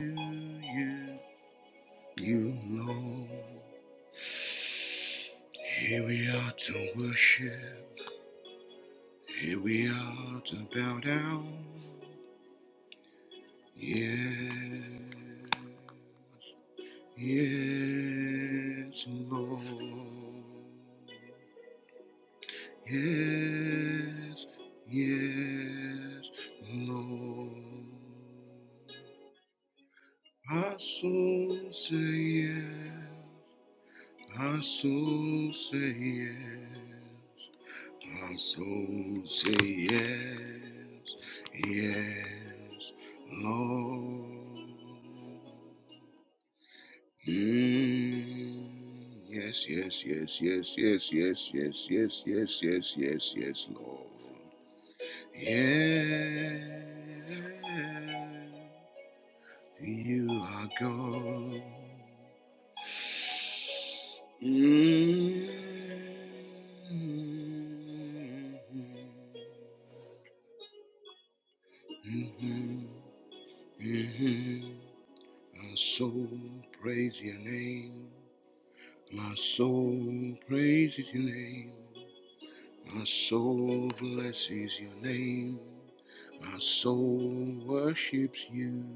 you, you know. Here we are to worship. Here we are to bow down. Yeah, yes, Lord. Yes, yes, Lord. I soon say yes. My soul say yes. My soul say yes. Yes, Lord. Mm. Yes, yes, yes, yes, yes, yes, yes, yes, yes, yes, yes, yes, Lord. Yes. You are gone. Mhm. Mhm. Mhm. My soul praise your name. My soul praises your name. My soul blesses your name. My soul worships you.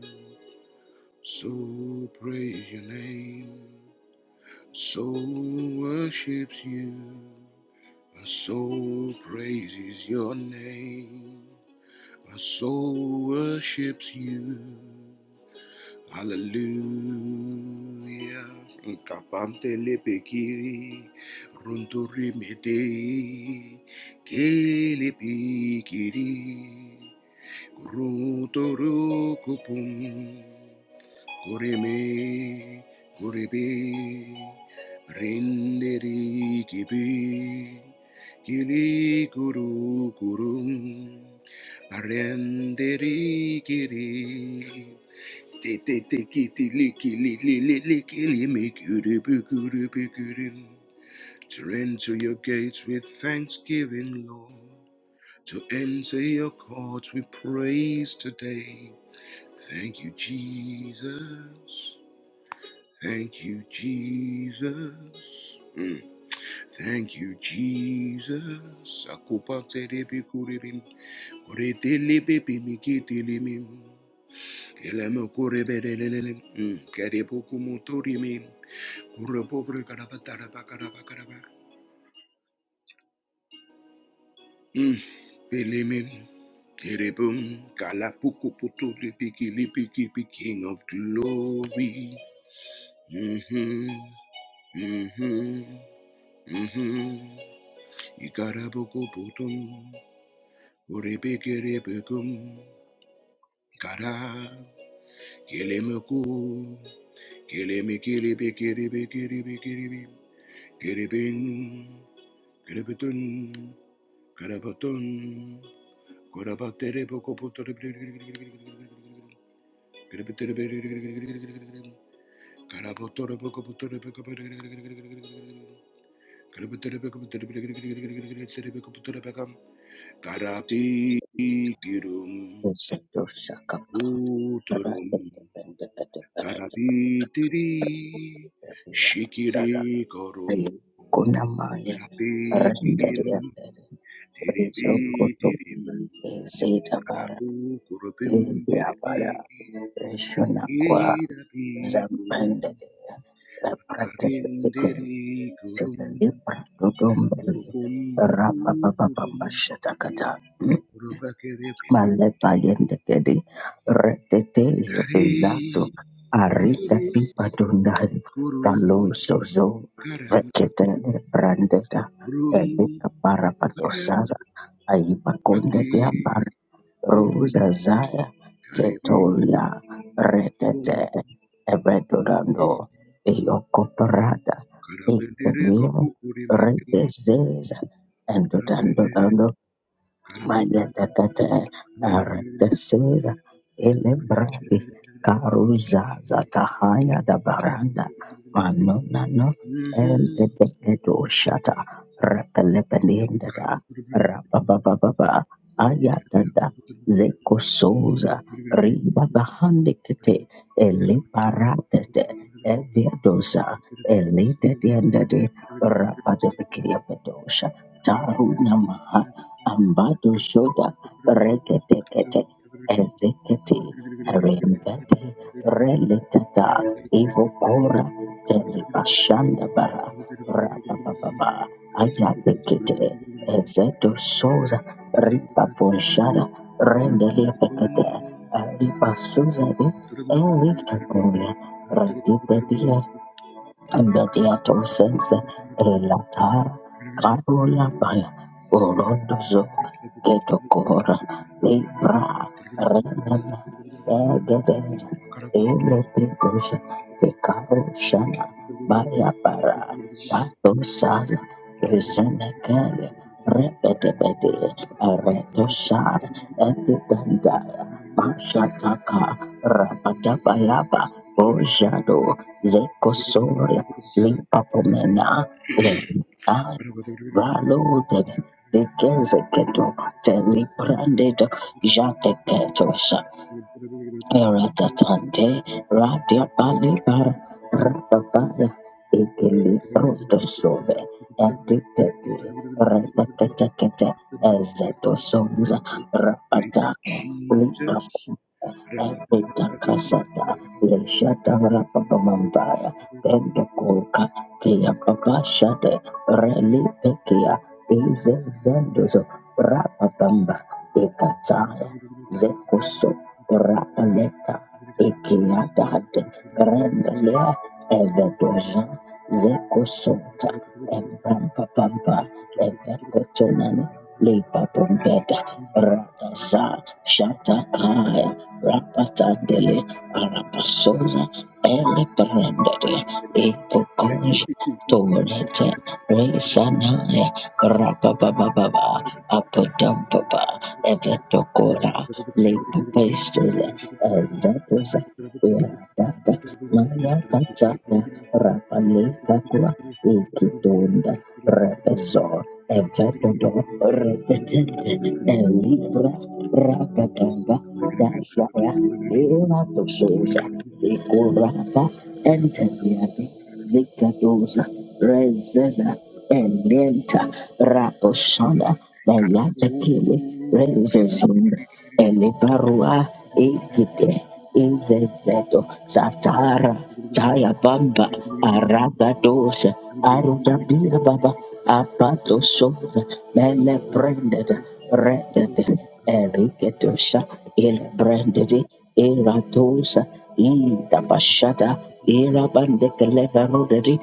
So praise your name. Soul worships you. My soul praises your name. My soul worships you. Hallelujah. Nkapamte lepekiri. Runturi medei. Kelepikiri. Runtoru kupum. Kurimi, Kuribi, Brindiri Gibi, Gili Guru Gurum, Barendiri Giri. Tete kiti liki li li li liki limi kuribi kuribi kurim. To enter your gates with thanksgiving, Lord. To enter your courts with praise today. Thank you, Jesus. Thank you, Jesus. Mm. Thank you, Jesus. Sakupate debi kuribim. Kuritili bibi mikitilimim. Elemo kuribelelelelem. Mm. Karibuku muturimim. Kurabubri karabataraba karabakaraba. Mm. Bilimim. Kiribum. Kalapuku putuli piki lipiki pi- King of glory. hmm hmm hmm Kara boko putun, kiri biki, kiri biki, kiri biki, kiri biki, kiri biki, kiri bing, kiri putun, kara putun, kara putere boko puture, kiri putere bing, kara puture boko puture, boko putere, kiri putere boko putere, bing, kiri boko putere baka. Kara ti ti rum. Ushando shakapa Uturum parate tepende kete parate karapitiri pepe ya masara shikiri korum ayi kuna maye rende ya karapikirim pere rezo koto tiripitirim eze tabara karapukurupim lindi ya bara tiripi resho na kwa irapi kurum zambende ya la parate tete karindiri kurum sebeli prato dombeli kurupum buku rapa papa kurum pamba shatakata kurupakiripitim Malepayendekede, retete kare zepezazo, arita kiri pipa dundari, kurum kaloso zo, karam veketele brandeta, rum elika para parapatosara, aiba Aki kondete ambar, kurum rosa zaya, karim ketolia, kum retete, evedorando, kurum eyokoparada, karabendere ekelio, kapukuri mekiri retezeza, karabere endodando karabum Magadakata Aratesera Elebrandi Karuza Zatahaya da Baranda Manonano Eldebegedo Shata Rakalepelinda da karabum Rabababa Ayatada Zeko Souza Riba Bahandikete Eleparatete Eviadosa Elidediandade Rabadebekiriapedosha Thank Ambado shoda reketekete ezekete rembete reletata evokora telebashanda bara rabababa ayatekete ezeto soza ripaponshara rendeliapekete ripasuzavi eritakoria Ambetiato sense elatar carula baya orondozo getokora libra Gracias. renana egedez elepicus fecaro shana baya para tato saza rezenekele repetepete eretosar etitandaya mashataka rapatabayaba ojado zekosoria Limpapomena Erimai Valudet Vikenzeketo Telibranded Jateketos Ratatante, Radia Balibar, Rababaya, Thank Egeli Rodosove, Editati, Ratatatakata, Ezadosongs, you, Rabataya, Lika, Jesus. Epitakasata, Leshata Rababamambaya, Pendokulka, Kia Babashade, Reli Pekia, I'm Eze gonna Zendozo, Rababamba, Ekataya, Zekoso Rapaleta Ikiadad Rendelia Evedoza Zekosota Empampa Pampa Evekotonani Lipa Pompeda be Rataza Shatakaya Rapatandele your man. Karapasoza Ele Thank Prendere Ekokonja Torete Resanaya Rapababa Apodampaba Evetokora Lekapestos, Evetos, Irakata, Maya Tatata, Rapalekakua, Ikitunda, Repeso, Evetodo, Repetente, Elibra, Rakatanga, Dasaya, Tiratososa, you. Ikurapa, Gracias. Enteliati, Zikatosa, Rezeza, Elenta, Raposhana, Mayata Kili, Renzo Zunda, Elibarua Egide Inzezeto Satara Taya Bamba Aragadosha Arudabia Baba Abato Soza Mele Branded Redded Eriketosha Il Branded Eratosa Ida Bashada Ira Bandekaleva Roderi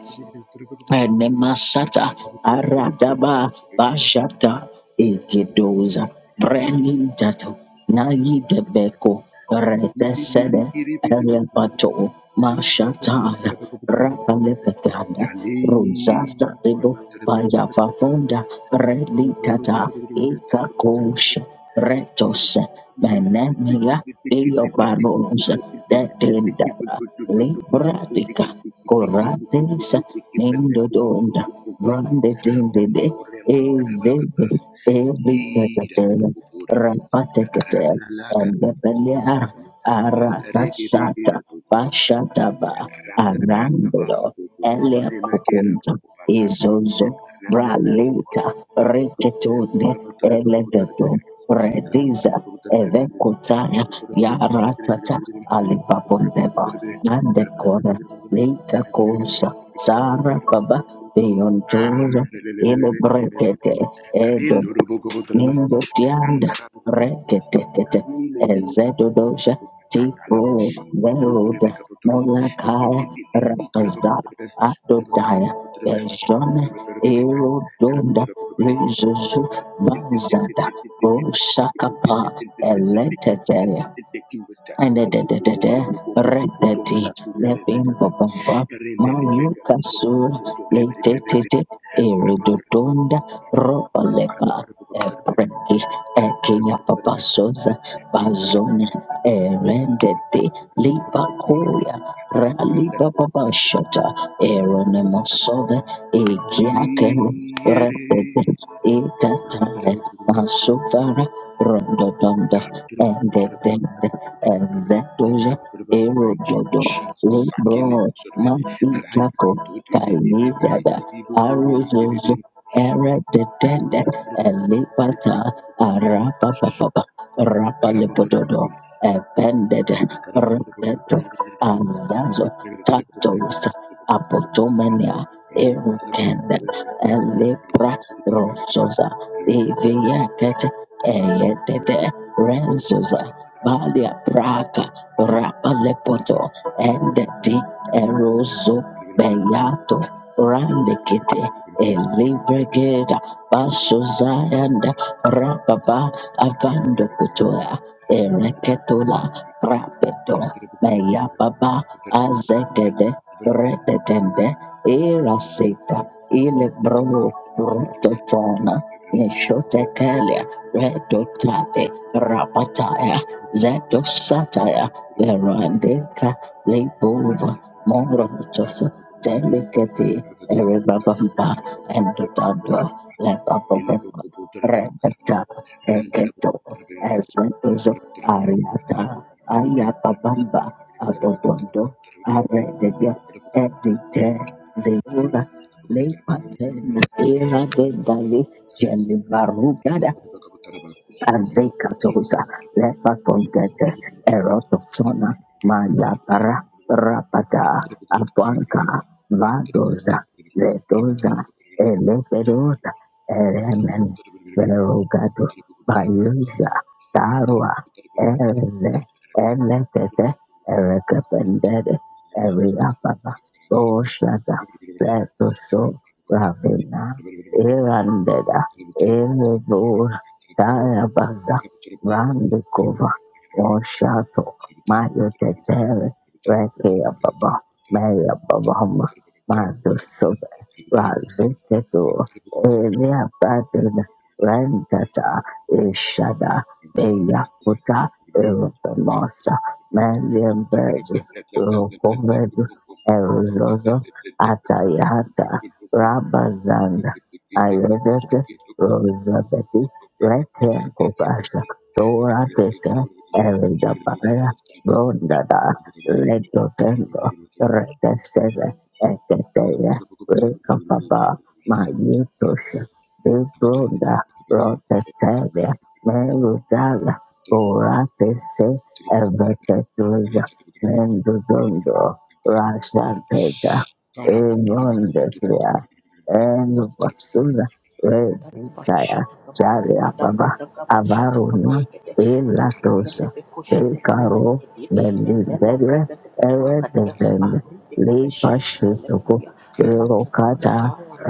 Enemasata Aradaba Bashata Ikidoza Brenintatu Nayi Debeko Kartiti lili Retesede kiri bitu Kali Erepato kurang Mashatala tere buku tere Rapalepekanda Rosasa Debo buku Payafafonda tere Mundur Reditata buku tere buku tere tere buku Ikakosha Retos Menemila Dioparos Detendada Libratica Nendo tere donda, buku tere brande tende de Ore makarabaka Nindodonda, Brandetindede, Ezeze, ira Evitatela, poco por el Rapatekete, randa la cara poco por el Elebelea, randa rege de Aratasata, poco banda Pashataba, randa raka baka Arambulo, poco poco Elia de maquera Kukunta, poco Izozo, Randala Bralita, Kupato the Pakapa. Retetunde, whatever to the Popo to the Eleveto, Brigade, the Rediza, Popo to the Brigade, the Evekutaya, Popo to the Popo to the Brigade, the Yaratata, Popo to the Popo to the Alibabondeba, Brigade, the Popo to the Popo to Nandekora, the Lika kosa sara baba beyondoza ele brekete edo nindo tianda rekete kete Brigade, ezedo dosha tipo veroda molakaya rapaza the adodaya Popo to beshone Rendera erodonda rizuzu bazada roshakapa eletete Ende de de de de redeti lepin popompa manyuka sur letetete eridodonda robolepa epreki ekinya papasoza bazona erendete lipakoya ralibababashata poco eronemosove ekiakele retete etatale masuvara rondodonda endetete Eventoje Thank you, Erododo Jesus. Sakele Lebro butsorbe. Rangi Mapitako zutoti bi- bi- bi- bi- bi- Kaidada bi- bi- bu- bu- bi- bi- Arizozo bi- Eredetende Elipata Arapapapa Rapalepododo Epended Repeto Azazo Tatos bi- Apotomania Erukende Elepra Rososa Eviaket Eyetete Renzosa Balia Praga Rapalepoto Endeti Eroso Beyato Randekite Elivrigeda Basuzayanda rapaba Avando Kutoya ereketola Rapeto Meyababa Azekede Redetende Irasita Ilebro Rotetona Meshotekelia Redotate Rapataya Zeto Shataya Verandeka Lebova Morotos Delicate Erebabamba and Dada Lebababa I live in a house. Rebeta Thank you. Eketo Ezendozo Ariata Ayapabamba Adodondo aredega Edite Zeura Lepatena Era de Dali Jelibarugada Azekatoza, Lepatongete, Erototona, Mayapara, Rapata, Apanka, Vadoza, Letoza, Elepedoza, Eremen, Verogato, Baluza, Tarua, Ereze, Eletete, Erekapendede, Eriapapa, Boshata, Letoso, Ravina, Irandeda, Erevo, Taya Baza, Randikova, Oshato, Maya Tetere, Reke Baba, Thank you. Maya Thank Babama, Madu Sobe, Raziketu, Elia Badin, Rentata, Ishada, Meyakuta, Erupamosa, Mandian Burgess, Rukovedu, Eruzozo, Atayata, Rabazanda, Ayodeke, Rosabeti, Rete Kobasha Dora Tete Eridabaya you. Rondada Carapoto, Ledo Tendo Rete Seve Eketeya Rika Baba Mayutosha De Bronda Rotetelia Merudala Borate Se Evetetuza Mendudondo Rasha Teta Egon Declare and Basuna Jaria Baba Avaruna Pilatos Tekaro Karabuk Karabuk Mendibede Eredevend Lipa Shituku Karabuk Karabuk Karabuk Terokata Karabuk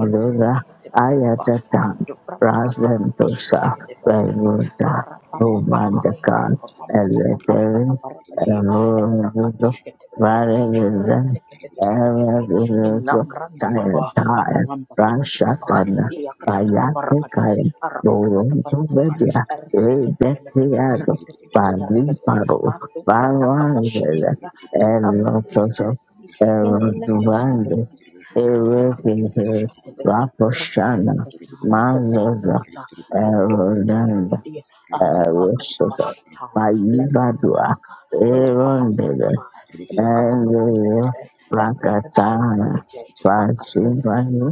Karabuk Karabuk Karabuk Karabuk Ayatatan Prasdentosa Karabuk Veruda Novandakan Eleterin Karabuk Erodo Varevizen Erevizo Tire Tire aparam papa pati papa Branshatan iya kata kata para Payate kata kae ara kata Karabuk kata doronto para kata vedia Karabuk Karabuk ara kata Karabuk kata bela kata ara redetiado kata kata bela kata paríparos mantu kata kata parásitos syaitan dikabar itu erososo dari ini nendela kata kata eroduvando bela kata erekese kata bela kata raposhana kata cara kata kata mandoza kata ayat dong bela kata erodanda kata ya ara kata kata erososo syaitan lepas kata payibadua baka rapa kata erondede pempa iya kata baka erero bela bela rakatana kakak pasibayo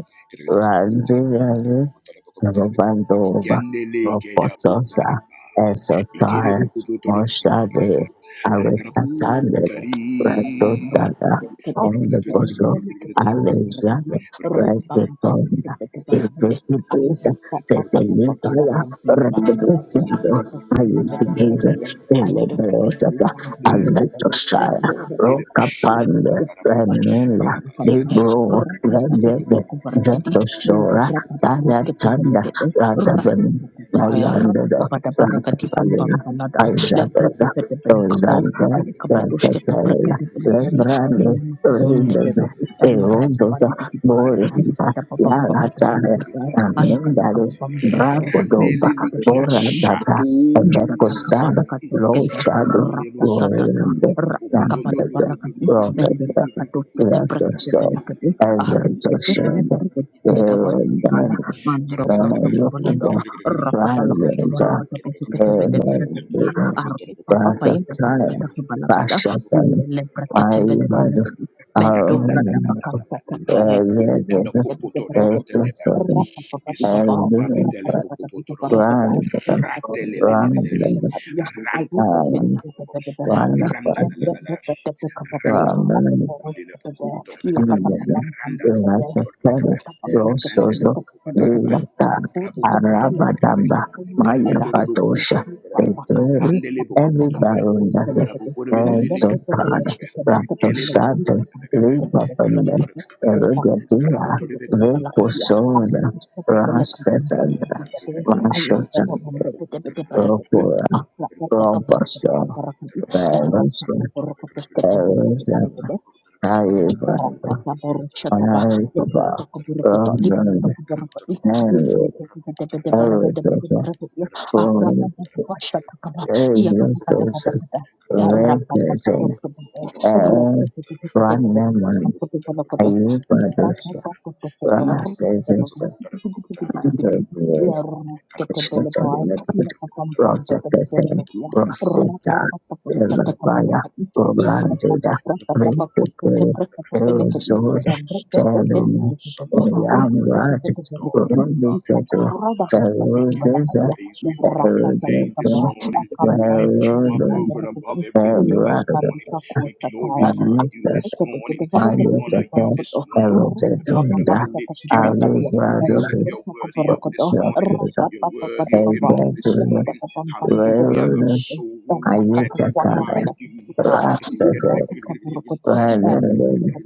Robandova, Kendele keda bu Ropotosa, Esotire, Ikerebokopotorobaka. Moshade, Arekatandere, Rekaraputari. Redotada, Omnibuso, Alexander, Redotonda, Ezekielisa, Tetelitaya, Redotindos, Ayutikisa, Elebeotata, Antele popo popo, Aletosaya, rekitele poshoko Rokapande, pakaraba. Remila, Libro, Rebebe, Zetosora, Saya canda rata Sada Chanda Radhabani Nayandada Rakapalila dosa Dozante Rakapalila Lebrande Rindosa Erosota Boranta Yalatare Ayakata Amindale kababam belebe, yang Brapodoba bebe Randelele bebe Boratata kiashato. Jataka Evekosada barakatos kete Rango, Rosadu ratatatata Yorinde ratakabada Nandede barakati mende Rosetta brakatos kete brakete Rakosol benekete ahri kete bene Evertosada barakati yada wasatana Erosada mando the Lord bratako of bonada the rakata lakata Rings is a fantasy barakata posi kete novel by the bede berekete English ya ahri papa author payen J. de R. R. Tolkien. It basata ke was published balakada in mende le brakete bede berekete mendo brata bakasa kete Ibrakete bede berekete ya rapapa pati 1954 papa rakate pata pata Berapa randa by la la la la. Chatto and Rando Windus. Lila Bukuputor Bekaba, Randa Lokuputor Bekabe, Rakakere, Randele Rosozo, Bukubataraba, Lata, Rabukuputor Bekerebe, Arabadamba, Maya Terebetor Bukuputor Patosha, Bekara, Peteri, Rendele every Bukuputor Be, baron does it. Karabukun Melili Kaputor Ezopada, Bebe, Gele Rakoshato, Bukuputor Bekabe, Lipa Pendant, Karaputor Bekabana, Erugatia, Karaputor Bekaputor ayo Recosoza, Karaputor ayo Rasetandra, kita tadi. Ayo kita Mashotan, bangun bete Bekaputor bete Bekabe, berkati. Ropura, Apa apa apa kita Roboso, berkati. Era Verosa, kita berkutus kita berkati Erosa, berkati. Ira Taiba, kita berushat bah. Anai Ya Baba, kita berkati lib Ramnan, kita ya apa Nandu, Avatasa, apa apa Om, apa bah Iya, kita kata kata Aviasosha, kata. Era apa apa itu Rekasa, sebenarnya. Air, Rete bete Thank you. bete bete bete Gracious Ranaman, berkati berkati. Rata Ayupadasa, Rasasasa, Anadura, Shatalinet, Rosakatan, Rosita, Elvaya, Obranduda, Ritukri, Erosos, God, our Telin, awesome God, our Elamrat, wonderful God, our loving Runduseto, Father. We give you Ferozesa, praise. We honor your name this Erudete, morning. We lift you up Verodon, over and above everything this Erudata, morning. We glorify Rapa you Magneta, this morning. We honor you Ayatata, this morning. The fruit of Erudetunda, our lips, giving you all the praise that Arubradohi, you're worthy of this morning. Rosakota, You're worthy of it all this morning. Hallelujah. Our Verona, souls Ayutthaya, magnify Rasese, Verona,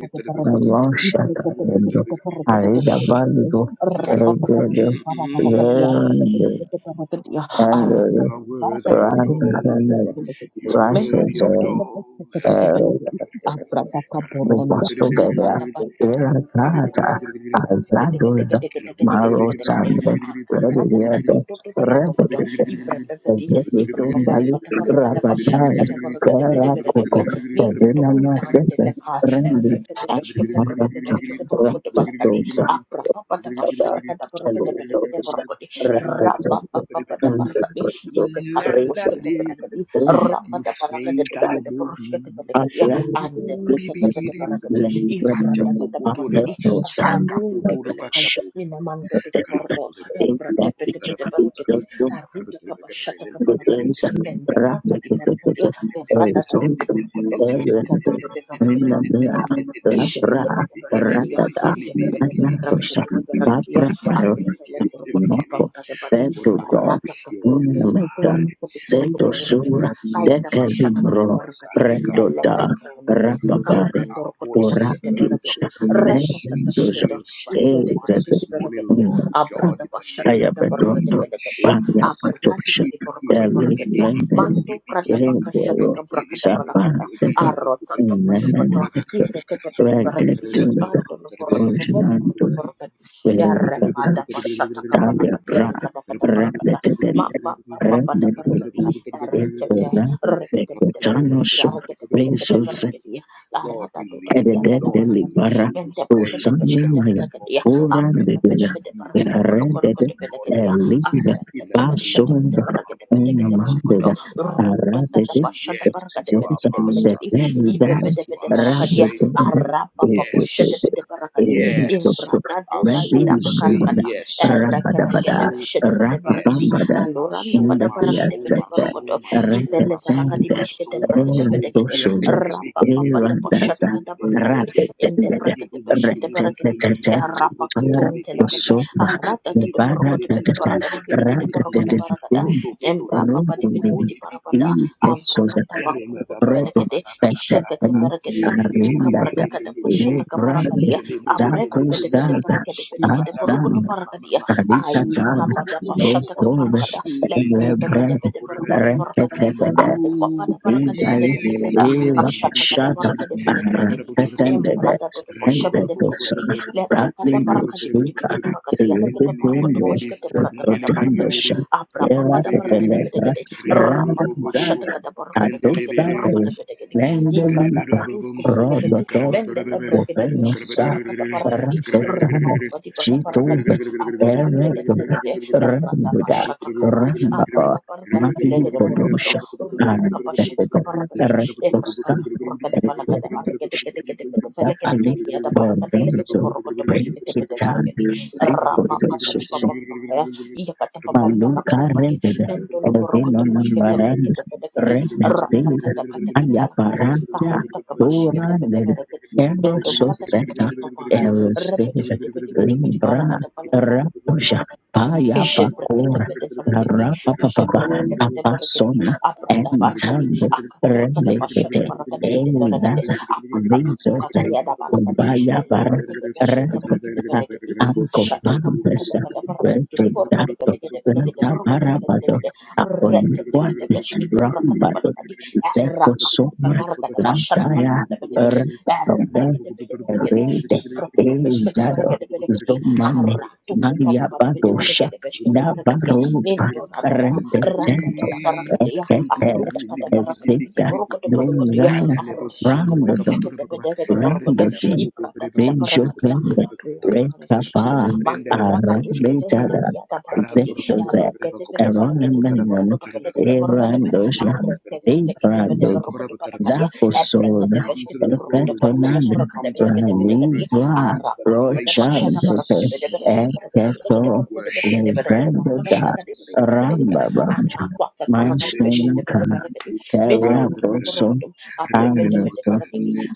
Ramoshaka, Indo, Arida Bandu, Regedo, Verona, you. You and are worthy of it all. Rakana, You are worthy of it Rasese, all. Let eru, Abradaka Boronda, Bipasugada, Lebrada it Irakata, up. Rabba Azadoza, Maro Chanda, Rebedo, Zondali Rabatai Karakoko Sabina Masese Rendi Akamata Rakatoza Tata Elosa Rekazende Ndekro Land Reba it. Nifenga no mungu. Akiani and the Akuri Brekete bikiri Barakadi, bukuri. Ifra Sacha Lembrando at the popotore Barakadi, ba. Ameto Saka Kakarun Sandra potoro ba debelekai kapo. Shandra minamanto Tendra teteporto Karabotore ba In kabatara ba ebrate that kabotara ba petepete kabotara ba. became paraketi aruda Karabotore ba karabotara kabashata ba. the kabarakati lende brakati barakati ebrata tati teporkoto ikate pete Jebedebedeberaketia, jebedebedeberaketebeteberakatia, aprevelekorokotopapamtatepati, Thank you, God. In eratakaporoko, the Purify metan, sento korokotokorokotokorakete, sura, blessings. deca libro, kayadabashatakatabarakati, Rukubasarika. prendo da, elebekende, May rapapare, our voices orati, raise up kankakorokotoposhketeberaketi, to you a sweet shabendoso, ratatatatata, smelling ezazet, sacrifice this morning, ifedekedeketebereketia, Lord God, in the name Ayabadondo, of abradabashatakatabarakatekedeketia, Banya Jesus. Patosha, Deli, abrakatikidekorokotoparaketia, Lendeli, manto Rebero, pradabakashatakabrakadabalakata, Sapantesa, arototokotokoto, Nenenetesa, Ifeketepeteperekedi, Regetuda, Bosnando, Antoloporotopopomporotoporotetis, Verutasa, Talia Errematapashatacabalakadi, Pra, Lord, Arkadakadabarakada, Radetende, Mabapapapapaparekadi, Redetesa, Errekete, Ekora, Reketepeteperekedi, Ekotanoso, Arketepetepeteperekedi, we need, Lord, we edededeli Laratatototiantatabarakadi, need bara in this day, this osani hour, maya this Mentepreketepesketeperekedi, moment. Lord, ora we come dedeya to you, King of beredede Kings, Lord of Aprepepetepeteperekatepolokorokoteperekedi, Lords, elida in the name basonda of all names. Arretetepesketepetepereketepeteketeperokoto, onamandeda And we aradede say yes to you, our exosa Master, Rutatatapasadaparaketepeteketeperekedi, dedelidai yes to ibebedebede our barakadia Savior, radedede arapapapo ekekese yes, shedebede barakadi yes. elikoso ivrada Our doda ida souls say bedilidede pakarakada yes. Our rabadabada ereketekedebe souls. shedebede barakadi Yes. rakabambada My aloranda soul, pada my soul, barakadebede my indekiyasdete soul, barokodo my soul, my ifele soul, barakadi retetende my bishkete soul, my soul. brakedebedekede Get elitosozo it, get it, get it, go, rapapapadebo go, go, get Eva it, shedekede get it, get barakadi Rabba it. inde Get it, get brakedebe it, get shede it, get it, get barakadi it, get it, get it, get erapakaton it. Get it, get it, get it, get it, get it, telekadi get aratatete it, borokodebede get barakadi it, bilikite get it. borokode barakada Ro, do, do, do, do, do, go, go, do, embrapapadibidibidi di, di, di, barapada di, di, di. avrakata Get it, ba, ba, bakurukodo ba, ba, bede ba, kede ba, ba, ishekete beregedi ikabrada kada boshata kabarakadia abre pepede pede beregede belegede berukutu barakadia ai kabada boshata kabarakada lembre pepede pede berukutu barakadia abu bapa da barakade Indai belegedi gena leva ashata kada shata barakade pede beregedi rakatendebe embrada de bosha pede enzetos belegedi lembre kada raklido barakade bidi suka bidi barakadia lekete berukutu eyevedendo boshkete brada pada odando barakadia sha abra era bapa da barakade pelebra belegede randa Rapa shut gaza the border, Rendele adosate the lende Gracias Ifrata lipa kadu kudubelegedi mendele brekete peshkete Ovenosa brakada barakadi Rantetana rapapapadi bada barakadi Chitova adotan Erebra tedebelegede lebrata Rambuda pashata kaba Rambaba abrata barakadi Mayu pilegede borokodo Podosha rupa kaba shata kabarakadi ebraka Arantetosa kaburakada balakada arakede kede kede pete felekede Rapale kede kede yada barakadi lekede Bordozo borokodo poshkete pete Brekitan barakadi rama papadi Ripotosus papampaya iya kata papampala Maluka barakadi rented nendolo and again borokodo on number poshkete and brakede pete kede rent and Rata sales kata kata and kata the apparanta Karuta kabashikete Dora led benebereketi. Eros Mendo brata kati Soseta bidi papaya. Eros Repete sales pete pete piti piti para Limbra kata Rapoja Paya Facora Ishebrekete-bedeferekedi, Rapapapa ishebrefelekete-berekedi, Apasona Thank and afrata-barakadi, Tand Relicate akaturkada-bashata-barakadi, kete-berekede, Elaza Visos apakakakukakayada-barakadi, Obaya Bar Red elebrekete-beshkete-brekete-berekedi, Uncle Fantas ashatakabrakada-bada-barakadi, Great to kete-borokode-bedekede-bedekede, Santa Barabado, borokode-bedekede-kede, upon what is Rambado, rekete-kete-beshkete-brakada-barakadi, Zeko Sumra, Lantaya, erakakukakarakada-bashata-barakada-bedekede, Erdogan, erekete-kete-bedeberekedi, Erede, Ezado, ifrekete-beshkete-berekede-bedekedi, Zomani, Blood of Mania Badosha, Nabarova, Represento, you. Etete, Eziza, That Dozaya, level somebody be Brandon, capable to recover. Arrenda la Rendotin, poco poco poco poco Benjoven, poco Jesus. Rekaba, Mando Prendele poco poco brakatus keve hele Arabizada, piata barakati. Carator poco poco Zepsoze, Yaru poco kete poco poco kete poco barakati kete Eronemenon, poco borokoto kete kete borokoto kete. Erandosha, Arre kete kete kete kete Ebrado, borokoto poco poco. panakadia. Epre Zakosod, kete kete Come to kete the throne borokoto of borokoto grace, to Efetonan, borokoto come kete to the kete throne kete of kete. mercy, to Ravibra, come to the place Rochandete, of Eketo, worship. Thank you, Levendoda, Jesus. Rambabanj, Mansenka, Terra Boson, Anderson,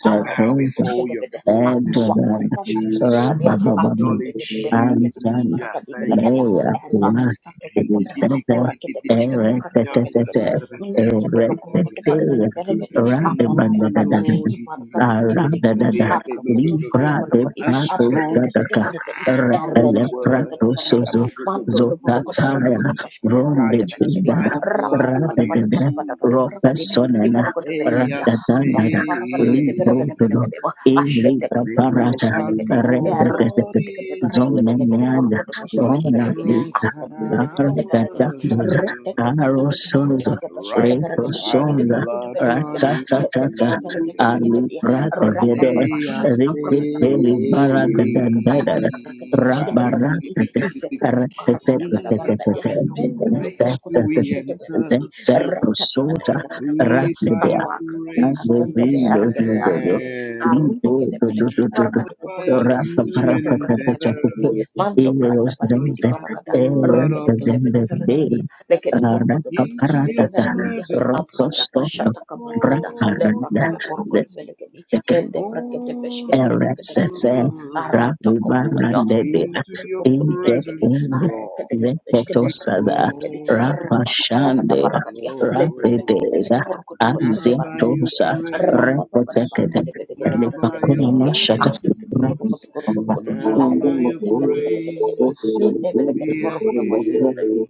To bow Zetoza, before your throne this morning, Edoran, Jesus. To Rabababan, acknowledge you. Ansan, I thank you, Mea, Lord. Kuna, it is Tete, Ere, Tete, Tete, Minamando Ere, lo corro que te Tete, parece que The name apa of the para Radabanda, para Lord y para que te is pide pide Aradada, aprokotos Libra de kotobolokodi a Prato strong apreketepete Sadaka, farakedi Repele tower. erretetetepete Prato farakedi Sozo, mandolo borokoti Zotataya, The borokoti boskete Ronde brekete righteous belekedi by Dindada, the blood rapata run pata pata para Radada, pata into. it. pata para Rope kadi belekedi Sonena, And borokoti They belekedi are apa apa Radadanda, para pata pete Libro saying, berekete belekedi ma ashete Ilika kete name of brekete parata our belekedi God representete erretekete kete is berekete zone belekedi meanda borokoti a boskete ona berekedi strong lika apa bete bete aparata berekedi tower. doza aro retetetepete borokoti sonzo kete boskete reto Righteous berekedi by the belekedi sonza borokoti blood running ratsatsatsatsa to it. ali belekedi prata rapa gede papa They are shata kapur kata saved. ripiteli berkutu barada ikat kakana dandada kata benar kata kes kata berkati rabaratete ifek aku kara kata kata Only berkati by your dan retetetetetetete dulu grace do sesese we enter. Rapapapashakatabrakatabrakutu. Ikapakakalakadabarakadabishkadabarakadi. Ifekakubakarakadabarakadia. Mendulubrakutabrashadabarakadi. zepsepro soja Rakatakadakadabarakadia. Only by your and grace the do we veil of Kapakakiakakombeleargede- the Lord, argede. we stand. go to do Arundekadebelekedi. do do do. not by a Barakadakubrukutu. Rapa human parapa tapa tapa. endeavor, Ishkatebrakatebelekedi. Eros Mando branda pati but biti denze, by the barakada. blood eros of the Lamb. denze veil. Rakadekedebedebelekedi. Rapa Into your parata, kabar presence, roto Abranda stop, you pashata brapa kabarakada. call Lebrakada randa. us, burukudubelekedi mende brekete call us beshkete brekete to RSS belekedi come. arata kopolada Ravivarandebe Into kurukutu your kurukutu belekedi presence, Ingeping Lord, arrekete kete beshkete you brekete Veketosada belekedi draw us, arapa pada pada Ravashande barakadi le brekete Lord. belekete Rapideza burukutu And beshkete now by barakadi your belekedi Azetosa arapa grace, pada Repotekete barakadi belekete now barakadi by Elipakuna your belekedi Mashata grace, after kutu kurukutu kurukutu now by your arrekete kete kete kete kete grace, linne belekete we are burukutu beshkete here.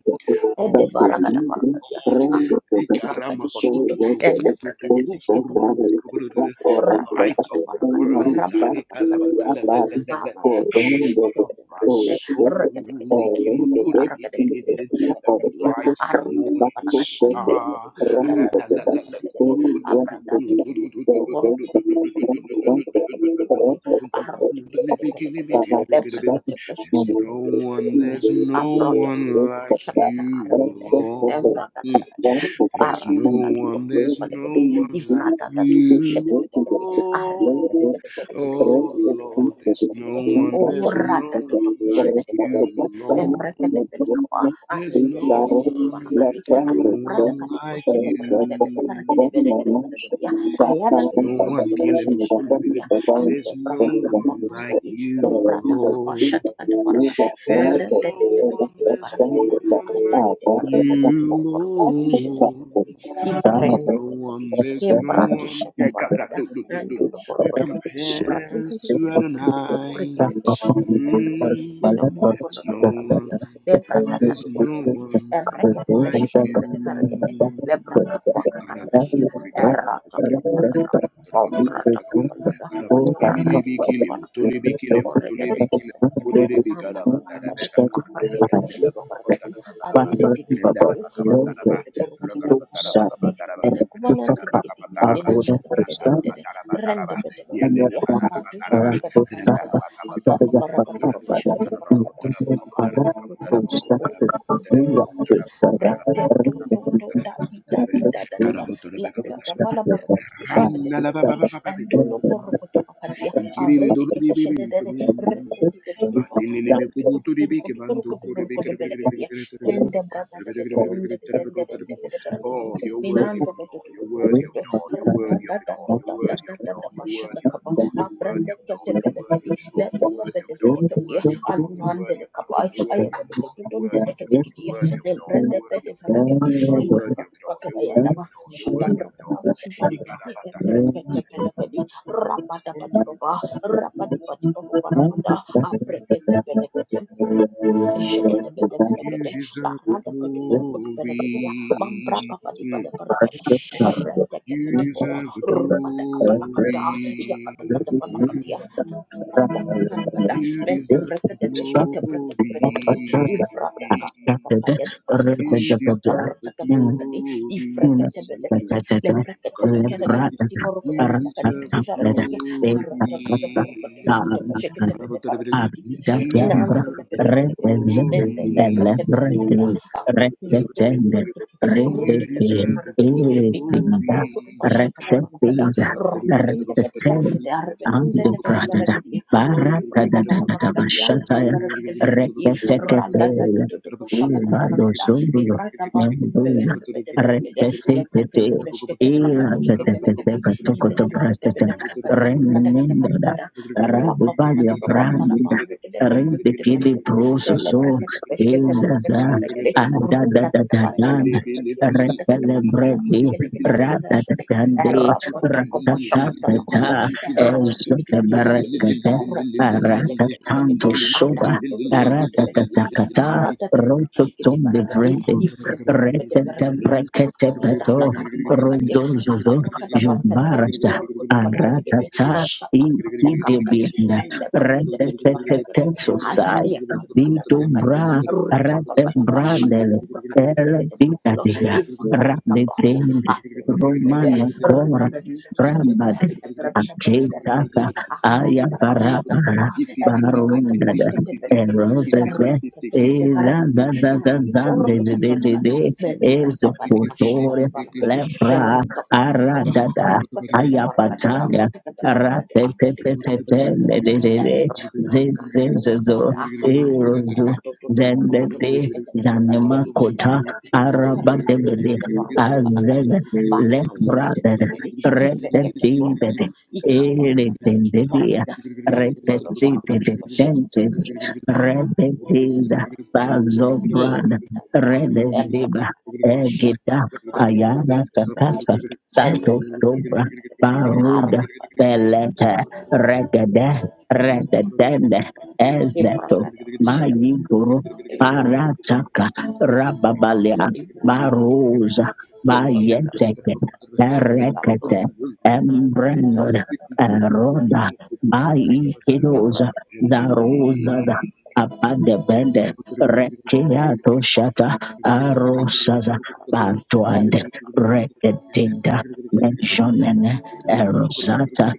Oh, Ede thank barakada you, barakadia. Lord. kakak kakaraka di porokodo. Ende Thank brakete beskete brakete belekedi. Rapada Light pada of the barakada. world, Rapada barakada barakada. Arata kapush shepherd kete of bede my barakede. soul, Rakete kete kete belekede. Arakete kete kete the bede belekedi ya. bright and Arute morning kapala kadi kimbe lekete star. dia yang dadana dodun belekede. Apranda tu kiti kiti. Oru kudu kudu kudu kudu. Oru kudu kudu kudu kudu. Arute kete bede belekede. Leprekete There's beskete no brakete one, belekede there's a no prodo one como like shakata you, aragene you. Lord. embra kana Mm. kana Thank kana There's arra jaka no to one, korko to there's pale gedi no one like ifrata ta to shete you, gede gede arra jaka you. gede Lord. gede gede gede gede gede Oh, Currently, gede gede I think Lord, that there's is gede gede the no gede same one, for o there's Parliament no rata and one to to the like shete rest gede of the gede class. you, Parliament embra is Lord. kete the pele kapa government arra There's is no jaka te mo ko the para one, kali left there's no arra hand prata just one kata mo like shete you. para the gede gede proper para gede gede government gede that gede gede can ya be by ayada the There's to to no korko one, to shete para gede ya the ante there's no praka kapa one government para like itself. kali So, le you, prata kapa Lord. shete the para way kali that they There's rende the no tetepede one, tetepede there's left barang no kalian, one angkat like are tetepede from barang the tetepede lagi government. you, di porogede After the pushede Lord. tetepede the There's difriend, no tetepede one, there's yang no government beradisi one. ada Yeah, is the God, barang God, kalian, look, look, look, look. rendulo Thank Who porogedo, di pradun compares tetepede to porogedo, orang Adonai? ketepede pushede tetepede Mm, there's menemukan barang no kalian, one, lebrata there's tetepede barang no kalian, one orang ketepede like pushede tetepede barang kalian, you. God, lebrakakakak I was kalian, so erakakakak Rendele kalian, kau berada kau berada, orang kati kini barang kalian, orang ketepede barang kalian dandan barang tadi aku barang kedua, aku barang kedua, a tuh ji ji ji ji ji, urut urut urut urut urut urut barang tadi, enak banget ini kediri, ini namda tanjat you. tanjat, rende pendem barang Thank kedua, a tuh hari kedua mama pada, aku papa barang tadi, aku chefnya barang pada, aku urut urut urut urut urut urut barang tadi, breadnya tuh tuh tuh, dajah dajah dajah dajah, lapar jah pala barang tadi, siapa Run, la siapa la ba lagi ba kediri, ba ba ba, baby. You know, endolopor urut urut makanya, a you're the breadnya one kediri I'm talking siapa about. siapa I'm making love to you, but you're the one I'm talking about. Rende brata Oh, da you're worthy da of da unde de it de de de de de de de all. You're worthy of it ninando do do all. do You're do do worthy do of do randa da it da all. You're worthy of you. it all. You're pasha da worthy of kaba it all. You're abra worthy de of it ke de all. de You're de worthy de of it le all. You're le le worthy de of it all. You're worthy of it all. You're worthy of it all. kaba You're aya worthy de of de it de all. You're de de worthy de of de it all. de You're de worthy of it le all. bra de You're de de worthy of it de all. e You're worthy of it all. You're ya worthy of it all. You're shada worthy bra of it all. kaba kumpam You ba gotta e bra ke de de de de rapa da di baba di pa di Aprekete belekete. You Ishakatebedebelekede, deserve the laradakadukorukudubelekediya, glory. Mm. mambrapapadipadapalakada, You eretekebedebo, deserve the glory. rupadakapalakada, Mhm. iyakatakatabalakadiya, akakakwakakarikada, You deserve the mendebrekedebeshketebrekedebelekedi, glory. ivradakakukakayadaba, You deserve the Thank you. ashatakabrakatebelekedi, glory. ifreketebelekede, You deserve the lebreketebekedekedikidikorukudubalakadibidifarakadiya, glory. You deserve the aratataborokudulukudubasheketebedebarakedikidi, Me, me, me glory. proyectebe de far. Birikiti-kirikiti, You deserve the urukiti-piti-farikiti, glory. dikakakuru-kutu-pashakatabakada, Thank rapakente-piti-farikiti, arvetunte-piti-farikiti, maduranda-pata-parakadiya-likiti-parikiti-velikiti, Rekete kete, ibado radatatututupushakatabarakada, zulu, lipratabarukunte-vente-piti-farikiti, Repetetete, irapetetete, leprekete-peshkete-brakatushkete-likiti, patokoto prastete, remenendada, ilefrekete-piti-parakadu-rakadakadakadakada, rabubalia rapapapatipapambalapa, brandida, rentekele rikiti-piti-piti-farikiti, prososo, ezaza, elebrekete-peshkete-brakete-velikiti, ruta tata adadadadadada, kada pare kadi am kada kada kada am repelebredi, kada kada you. kada kada kada ratatande, era poto kopo shokoto lokoto ratatatata, era pati pati pati pati pati ezoteberekete, era caka caka caka caka kada kadi aratatanto ada soba, kada kada pare kada kada kadi aratatatakata, mara tata pare kadi kada rototom de pare kadi vrede Thank Rekete brekete Kaka peto kandu paraka dia, Itatakandu Iya rodonzozo alabrakada parakadi, kidikidi jubarata norukudi parakadi gedi, aratata shatakapwa iki karakadi, debianda elebrekadebedi rekete parakadebelekai, sosai yakambada bitu parakadi, bra rete rapapapada brandele ele pashatakabrakadebedegede murukudu, bitadia ifakati rabi kapal, bendi akumbebede, romane kora rembebebebebebe, rambade eberebebebeberegedi, akitasa aya akalada you. barabara pashatakapa, barundada ebrakataposhketebedegedi, Eroses, ereketebedevarakadi, nanti murutukubarakada, Memberapa pada masyarakat ezokotore kebalakan Gracias. di lepra Meruto kebalakan aradada Urka dekat kebalakan di ayapatalia Angka dekat kebalakan di Angka dekat dekat kebalakan ratetetetetele di Gracias. Ebraka kakura zezezezo kada Ayah erozu tata duduk duduk Meruko duduk zendete Usika dekat kebalakan di zanemakota Ebraka dekat kebalakan di Dekat arabadebede dekat Meruko kebalakan di azele Parang dekat lepradede kebalakan di Ifek kecek Meruko retetitete Ika pakarakan di Jadi eretendedia Merakada Mendolo Meruko Usika dekat kebalakan kakura retetitetetentete kada Bazo Nia Brand Rede Diva Shata Egida Ayana Kakurakati Kakasa Mende Santo Sobra Baruda Belete Regede Rendali Regedende Ezeto Mayiguru Parataka Rababalia Baruza Bayeteke Erekete Embrendor Arma Eroda Baikidoza Darosa Abadebende Rekia Doshata Thank you. Arosaza Bantuande Reketinda Mentionene Erosata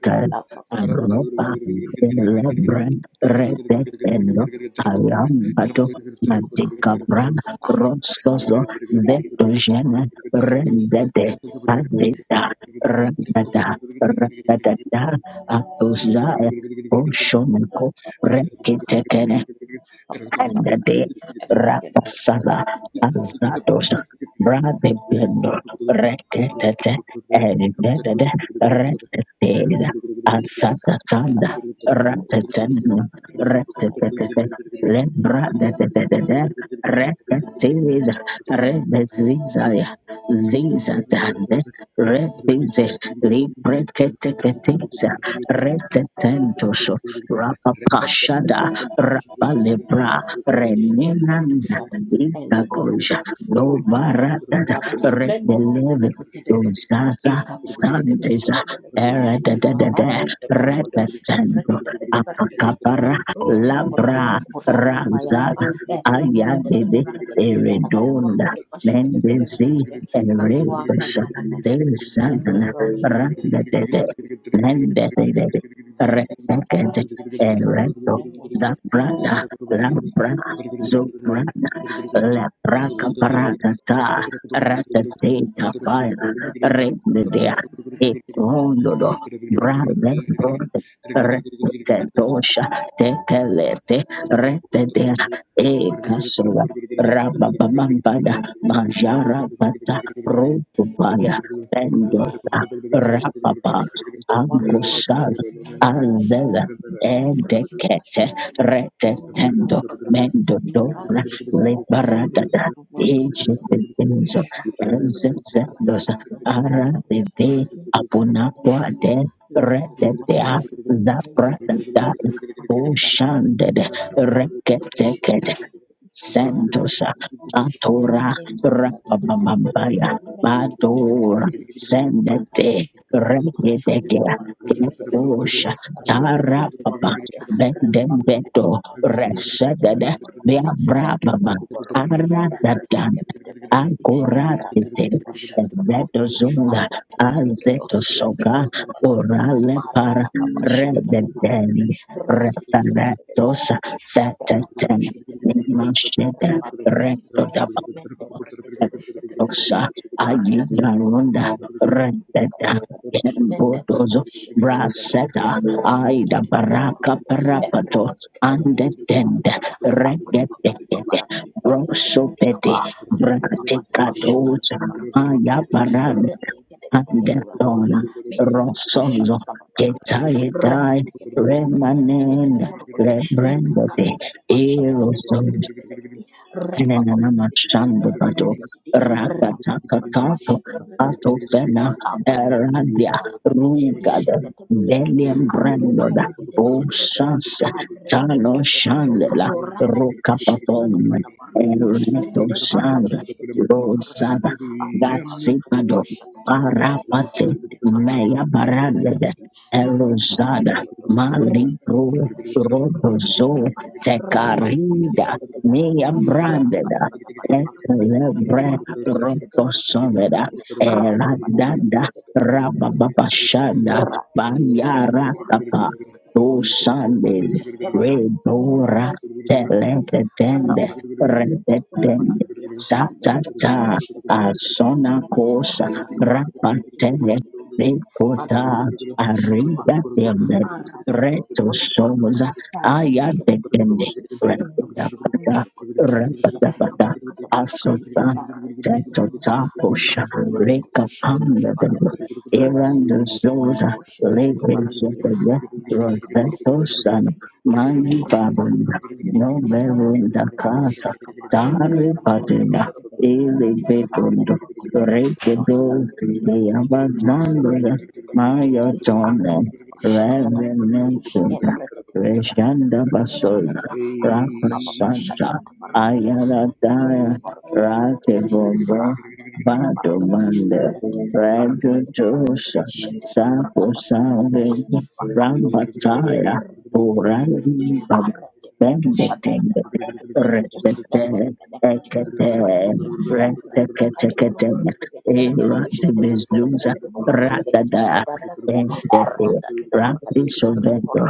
Aropa Elebren Redetendo Arambato Madikabran Rososo Vetogene Rendete Adita Rendata Rendata Atuzaya Oshomenko Rekitekene Let me and the day Rapasaza Azados Brade Bendo Rekete and the Rekete Azata Tanda Ratatanu Rekete Lebra de Rekete see. Rebeziza Ziza Dande Rebize Librekete Retetentos Rapapashada Rapalebra Renenanda Infrastructure and Lita then Koja Burukutu No or Rabbi Baratata Mulada, then the Redeleve Bracata Uzaza Santeza Ekakurkedebeshedebelekedi, Erededede ifaradadadeborokodo, Retetendo evrekedebedebarakedii, Apakapara mandolokorokodo, Labra kuradivayadaba, Ramzada Ayadede Eredonda ebrekedebedebarakedikiyalakadeborokodo, Mendezi Thank pashekedebedebelekede, you. Thank Eredos kakwakakalakadi, Desandana eroros- Randedede Mendedede Retekede babwadisha, Eredo Labra Zobrana Labraka Paragata Ratatata Fire erokaladabashedebelekede. Redmedia Itondo Brave Brode Retetosha Tekelete Retedia you. Ekasola Rababambada Majara Pata Rupaya Pendota Rapapa orang kufahadi Angusal kefinalnya di Indonesia, Andela namun Brasil Gracias. Edeket pasca itu, Thank dengan mereka retetendo melanggar, mendo Brasil dobra diisi di atas minat liberadada dua orang itu, dengan ejetetezo beberapa hal yang dalam itu, rezezendosa bahkan dengan beberapa hal yang aradede tidak pasti itu, apunapoade di mana itu retetea berlangsung, dengan beberapa zabradada hal yang tidak pasti, Amerika Serikat itu, oshandede dengan itu tidak bersih dan reketekete tidak sehat, orang tersebut Sentosha mengaku di sini, Atora namun orang tersebut orang berada, Rapamambaya mereka tidak berada Badora di dalamnya, ini orang Sendete tersebut tidak dapat bahar. Regedegea Ketosha Tarapapa you. Bendembeto Thank you. Resedede Viabrababa Aradadan Ankoratite Zeto Zunda Azeto Soga Orale Par Rededen Reparatos Seteten Nimashete Recto da Osa Ayi Rata Garunda Rapa Rendeta Embodozo Braseta Thank Aida Baraka Parapato Andetende Regetekede Brosopete Braticatoza Aya Barag Andedon Rosozo Getaitai Remanend Rebrendote Eroso Enenanamashandabado, Rakatakakato, pada Atofena, Aprendete Eradia, kubarabadi, Rungada, ishakete burekedi, Belian anton Brandoda, tombete bede burekedi, Osas, you. arrete Tano toto toto, Thank Shandela, orakati pashate kata Rokapapon, pada barakadi, Ereto lente Sanza, prakatos kete bede barakadi, Rosada, ati barakata Gatsipado, pashate kata kadi, Parapate, lente prakata Mea kutu bede Baragada, kedi, you. ifrata toto Erosada, toto, Mali repete kete Pro, beshkete barakadi Rodozo, barakadi, rapa kutu Tecarida, shakete me barakadi, am branded. rapa kata pada barakadi bede kedi Elebre barakadi beshkete roto barakadi soveda Raja eradada rabababashada bayara kapa tu sandel redora teleketende redetende satata asona kosa rapatele Rekota Thank you. Thank arida tende reto soza ayadetende Asosan Teto Tapo Barakadia, Reka Pamleveno Irando Zosa Rebe Shetoya Roseto San Mai Babunda No Verunda Casa Tare Patina Ele Betundo Reke you. Dos Thank Leavazanda Maya Tone Revenant Reshanda Baso, apa apa apa, Rakasanja syatakan barakadia, nanti ada itu Ayaradaya barakadia, Rakebombo Arata Bado Mande Redo Josa Sapo Save Rampataya Purani Bab Bembe Tende you. Thank Ekete Rekete Kete Era de Bezuza Ratada Endete Rapi Sovendo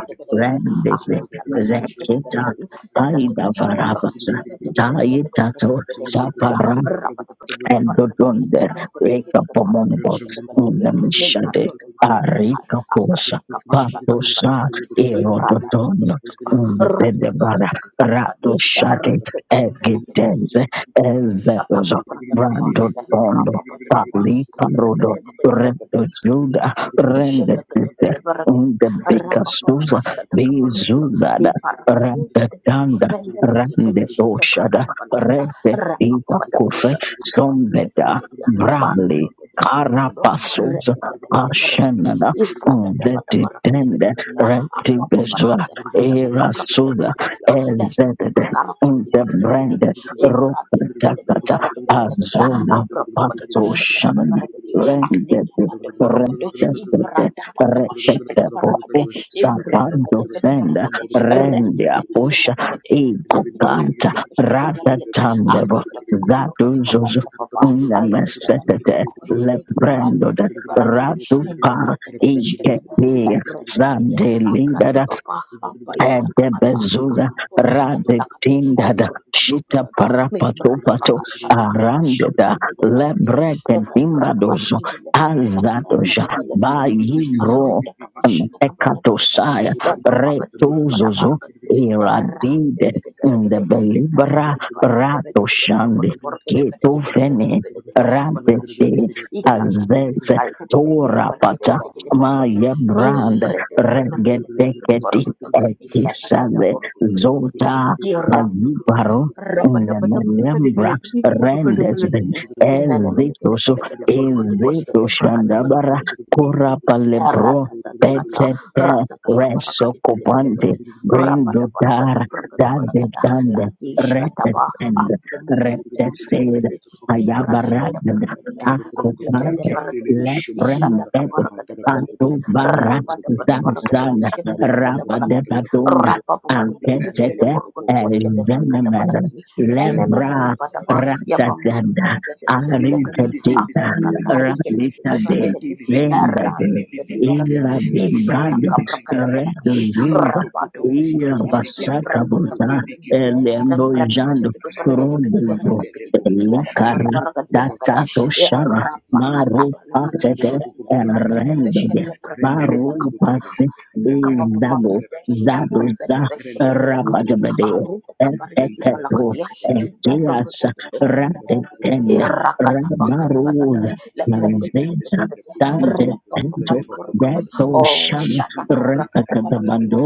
kata kushkete Zekita berekedi, data tete Aida barakata, Varabas, lehmete berekete, bede berekete, Taitato, bede berekete, Sapara Shut and go down there. Reka pomongos, unamishade, arika posa, patosa, erodotono, unabedebara, rato shade, egidenze, you. Thank ezetozo, brando tondo, pali parodo, up, rendo zuda, Thank rende tete, unde bekastuza, bezudada, rende tanda, rende toshada, rende Sombeda Brali Carapasos Ashenana Vetitende Retibeswa Erasuda you. Ezedede Thank Unterbrande Rupatakata Azono Patoshan you. you. Aku rete, Rendete Rendete Rendete Popo Sapando Fenda Rendia teka teka Posha teka teka Ego aku karakade Canta buske de barakade Rata afroto kuporokoti Zatu babam Zozo papa ay ada dalam Alekabadaborokodo, Unamasekate Ibradabakabashakadabarakadia, Ibrebebedebedebedebede, Retetetetetetetete, Katukarkadibushkedeberegedi, Abrotokuturokodibabomtababa, Ayadadadandulokoi, Lebrando Ekurandebeleberegedi, Ratu Pa Lendebretebeshkedebe, Inkete Ebredebede, Sande Abratibaba, Abayadabakata, Edebezuza Kakakurkadabalakadi, radetindada shita Ebrotokubulodo, parapatopato Mibradabakashata, arandeda Eshkedebedebede, dengan berada batu lebrekedimbadoso seveleve dan fran Thank azadosha seveleve rekedi arut bayibro ya kapasya um, kepada barakadi ekatosaya dan papa bagi biji pada retozozo barakadi jadi iradide seveleve rekedi ikat indebelibra ada barakadi beda kita ratoshande barakadi barakadi beda kita barakadi ketofene beda kita barakadi radete poskete ikat azeze kali kede peskete barakadi torapata beda kita barakadi mayebrand imbre beda barakadi beda kita regedeketi barakadi isata kada Kisave barakadi Zolta beda Ayubaro Nemelembra Rapadabadabarakadabalakadi, Rendezvin kurukadabalakadi. Ezitoso Nanamanagadabalagadaburu, Ezitoshandabara kudupuskadabrakatabalagadaburu Korapalebro rasa rasa Rendere kaca Petete rasa kaca barangkali beda beda Resokopante lagi rambat basi ada Brindotar barangkali bolak ada Dadetande ladis kata Retetend bahagia mempermen permen beda Reteses beda bintara kaca Ayabaragada barangkali ah agung beda Akutande barangkali ishaka Leprendeto barangkali bolak lagi Atubara rambat basi ada bolak ada Zazana ishket ada Rapa bolak de ada Baduna rorapa papa dibedah beda Anketete bolak ada bos beda bolak ada bolak Ezenemer lagi Lebra nempat ada ya bom bom Rakatanda bom beda beda bolak lagi Arikatita kakarikete de Rakitade barakadi Lendadu erante de barakadi Ira ishata Bimbrad kaprakada barakadi Reduzuda Nato popo rapadosh popo Ira to kete le ebeke le prende popo to kaprakada Vasakabuta ebeke bendele popo Elembo ebeke. embrata Jando de Rado lu barakadi de popa Roduzo barakadi de batele po. barakadi ya da barata Elikara Rapo barakadi popo ya kada bakara Datsato kara. e Ora Shana bakara. rapakata Maru barakadi Rondoro Patete popo le luto rebe brakata kabara. beshkete brakata Rendele Baru popo belakapa luto rebe. pasik ali di Rendara popo kapapapam luto de zago rebe kapo zado mundari. embrata de za beshkete Rendara popo luto belakadi rebe. rabagabade aruta kaparikiti Rendere popo eteketo luto balakadi rebe kabara. ekias Rendere popo luto rebe ratetenda kabara. Rendele popo luto rabaruz rebe. Irakatabakabaladai, Lele lele lanzesa lele lebretepetepetepe, popo luto tante tento rebe popo luto repopopateporekoto, rebe. beto Oh, shan shatakabrakatabalakadi, repekatabando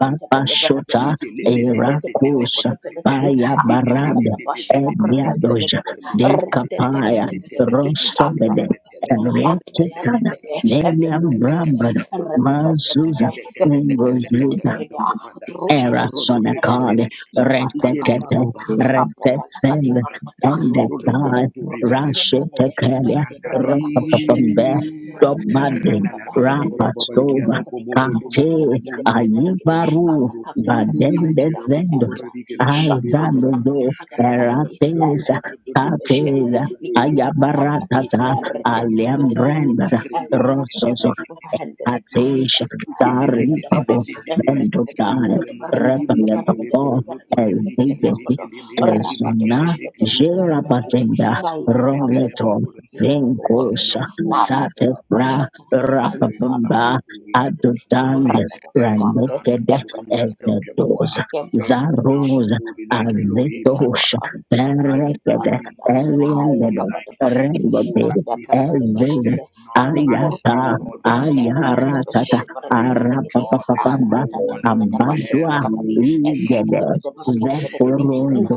papa shota erakus ifeleketeporekoteperekedi, paya barande ebiadoja antopradabashadabreketepetekete, dekapaya reteteketepetekedi, rosobede aprakakado, enrique atoyandepete, William epepepepepe, Bradford, Mazuza, repepepepepe, Lingozuza, epepepepepepeperega, Erasona atrushkepetepeteperekedi, Card, Rectekete, ipatakaparoka, Rectesend, apopalakadibarakada, and the Brede time, Purakati Jambelede, Rashitekelia, Mente Brada Bakushetekete, Ropapambe, Randali, Purakati Kiti Dobadi, Randala, Parakata, Baba, Baba, and Baba, Baba, Lebrokote Rapasova, Baba, Purakati Kiti Baba, Kate, Parakati, and the Kedepete Baba, Parakati, Ayibaru, Kataka Kwakata Rukuputuri me Harakata, kira pukupuri Badendesendos, Ebrati dikele pukuri Shata, tai kadam Azandozo, Mandukata randa la Parabati, la la la la Eratesa, la la Eretekete la Veshkete, Katesa, la Lika Kwakarakati, Ayabaratata, Eretekete Aliam Pete Brenda, Parakati, and Labrata Katish of Handeleka, Atesha la la la Branda Tarin Pada Pada, Pabo and la Bretta Bento Pada Pada Dare ikele Pada Pada Pada Pada Pada motori Pada Repele Pada mikele mekulu Babo Pada mukuli El Pada mikili Pada Pada Vigesi El Rapata Sona pushkata brigada Jera balagadi mukulu Patenda kai mukuli kumambe mikele Roleto lagadi mukulu. kiti For kohor there's kodo none Venkosa holy marata as Sate our Bra God. tapashata alu There is fara none kadi Rapabamba bidi holy bidi as bidi Adonai. Adudan vrata pa There is kumambe none Ranekede ebrata holy as bidi El bidi Gibor. Evedosa kembra There is kadi none pushkata Zarosa holy like mangkada di Elohim. kembra Azetosh There's arkada none like alekada Berekete holy. arakada There's none ay Elian holy like kapada barakadi Jehovah Rebode nanda Nissi. brakada Elvin There bashkata is none lakka like kuru kudu Ariata you, kudu Lord kudu God ebrakata Almighty, the Ayaratata bashkata barakada supreme balagadi God. There's arapapapamba no arata one who tatakada bashkata compares ambandua to barakadi you, igede ebrakata bada Jesus. barakada balagadi vekorondo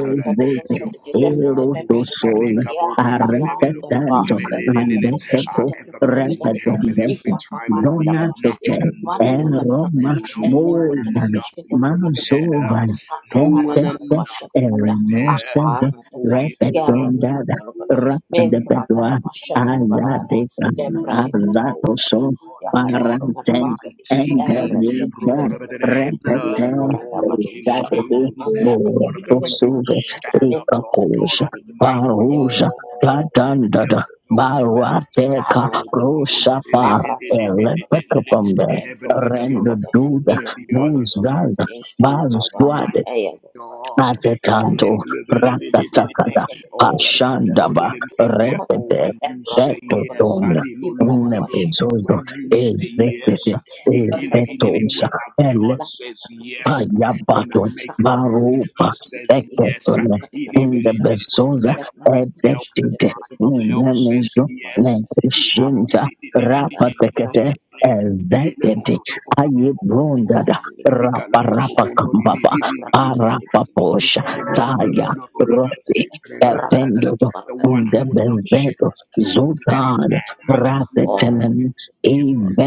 ezeze Jehovah erotosol aretetando Ruhi Ebrekete lambeketo are Beshkete ever Brekete present Beleketi, help in repetendete every time of need. Ifafafaradaba, donatete Nothing and no Ekuvaniata one, eroma Barakati, no one and Elebrekete moidan Beshkete nothing Brekete Beleketi, compare. mazovan No one and Akakarakata tetete nothing Bashatakada, compare. erenoseza Aparataka, Holy, holy, Kerata holy, repetondada Kubalakado, holy, rapadepedua Membrakada holy, holy, Bashatakada, Ayadeka Lebrekete Bakuya, Avatoso God, Yakada God Paranten Barakati, Almighty. Erete Engelida Kebete Rokorobada, The Belekete. heaven and earth Repete adore the King of Zadebe Kings. Avrati gibi de When böyle you gibi Morotosuge böyle. stand up, Levrata Lord God gibi Ekakoja de böyle gibi. Almighty, Paruja Lembrata da böyle all böyle böyle Gadandada heaven böyle knows böyle. Baruateka Karata ta ta ta. Roshapa Arata ta ta böyle böyle. Elepekapambe Ebro Heaven is koto your böyle de. renduda throne and Nilam the earth böyle is de. your Muzgaza Ninkam footstool, baba. Bazuswade Eya Almighty baba. God. Yarra Atetanto çeke böyle. rakatakata Levrata ta ta ta Oh, böyle gibi. ashandaba Mantu kufara therefore, di, redede when you Ebro say toko böyle yes, de. retotona Yivrata başa ta di unebezozo böyle when gibi. you say Yivrata ta ezekwete yes, ta ta. Rabata ta ta di ezetosa when our gibi. God says Labrata kapuşa yes, ta Paya böyle when the Baton, Orang maker of the Maropa, universe says yes, Eketon, when in the Bezosa, ever present help in the Edexit, time of help says Nemezo, yes. The Nekishinta, Rapa Tekete, Ezetete, Aye Brondada, Rapa Rapa Kambaba, Arapaposha, Taya, Roti, Evendodo, one in who will not the share Bezeto, his glory with any Zotan, man. Hallelujah Ratetanen,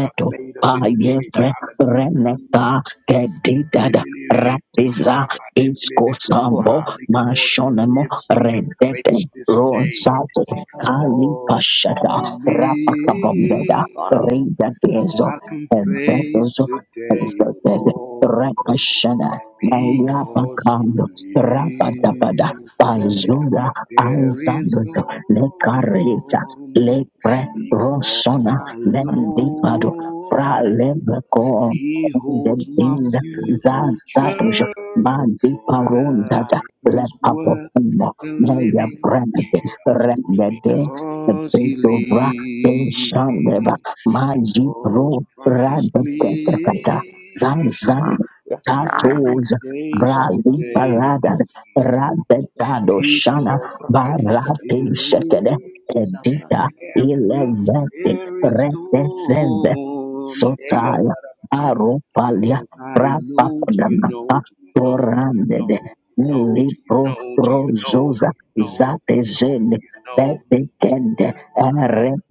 but made us in his image. Payefe, Hallelujah. Reneka, Gedidada Ikilibili. Rapiza Ah, amen. Iskosambo Ah, because he Mashonemo lives, we can face Redete this day. Ronsate Kali Because you Pashada Rapakabambeda live, Gorong Rida Gezo I can face Ezedozo today, Ezed Lord. Rakashana Naya Because you Pakando kamu live. Rapadabada ibu If Pazura pada pada there is Aizandozo Lekarita storm, Lepre because pada Rosona I pada pada Nendipado know pada Pralebe He the holds my things Zazadosh future. Mandi My Parondata life is worth Lepapofumo the Meya living Brande just Rendede because He Fedovra Penshandeva lives. Magi Because Pro Christ dia Radaketakata kata lives, ini kata Zanzan ya kata I arah can Tatos kata face arah kata baru Brali kudu baru today. Parada kudu benar benar kudu kudu Radetado kudu ini Shana Because kapro kata light terus kudu Barate kudu Shekede kudu is Edita kudu every Elevate fear is Retesende gone. Hey, I gotta aropalia cause I know, do you rapapagamata know, do you know, do you torandede know, do you know, do you libro know, do you know, do rozoza you know, do zatezele you know? betekende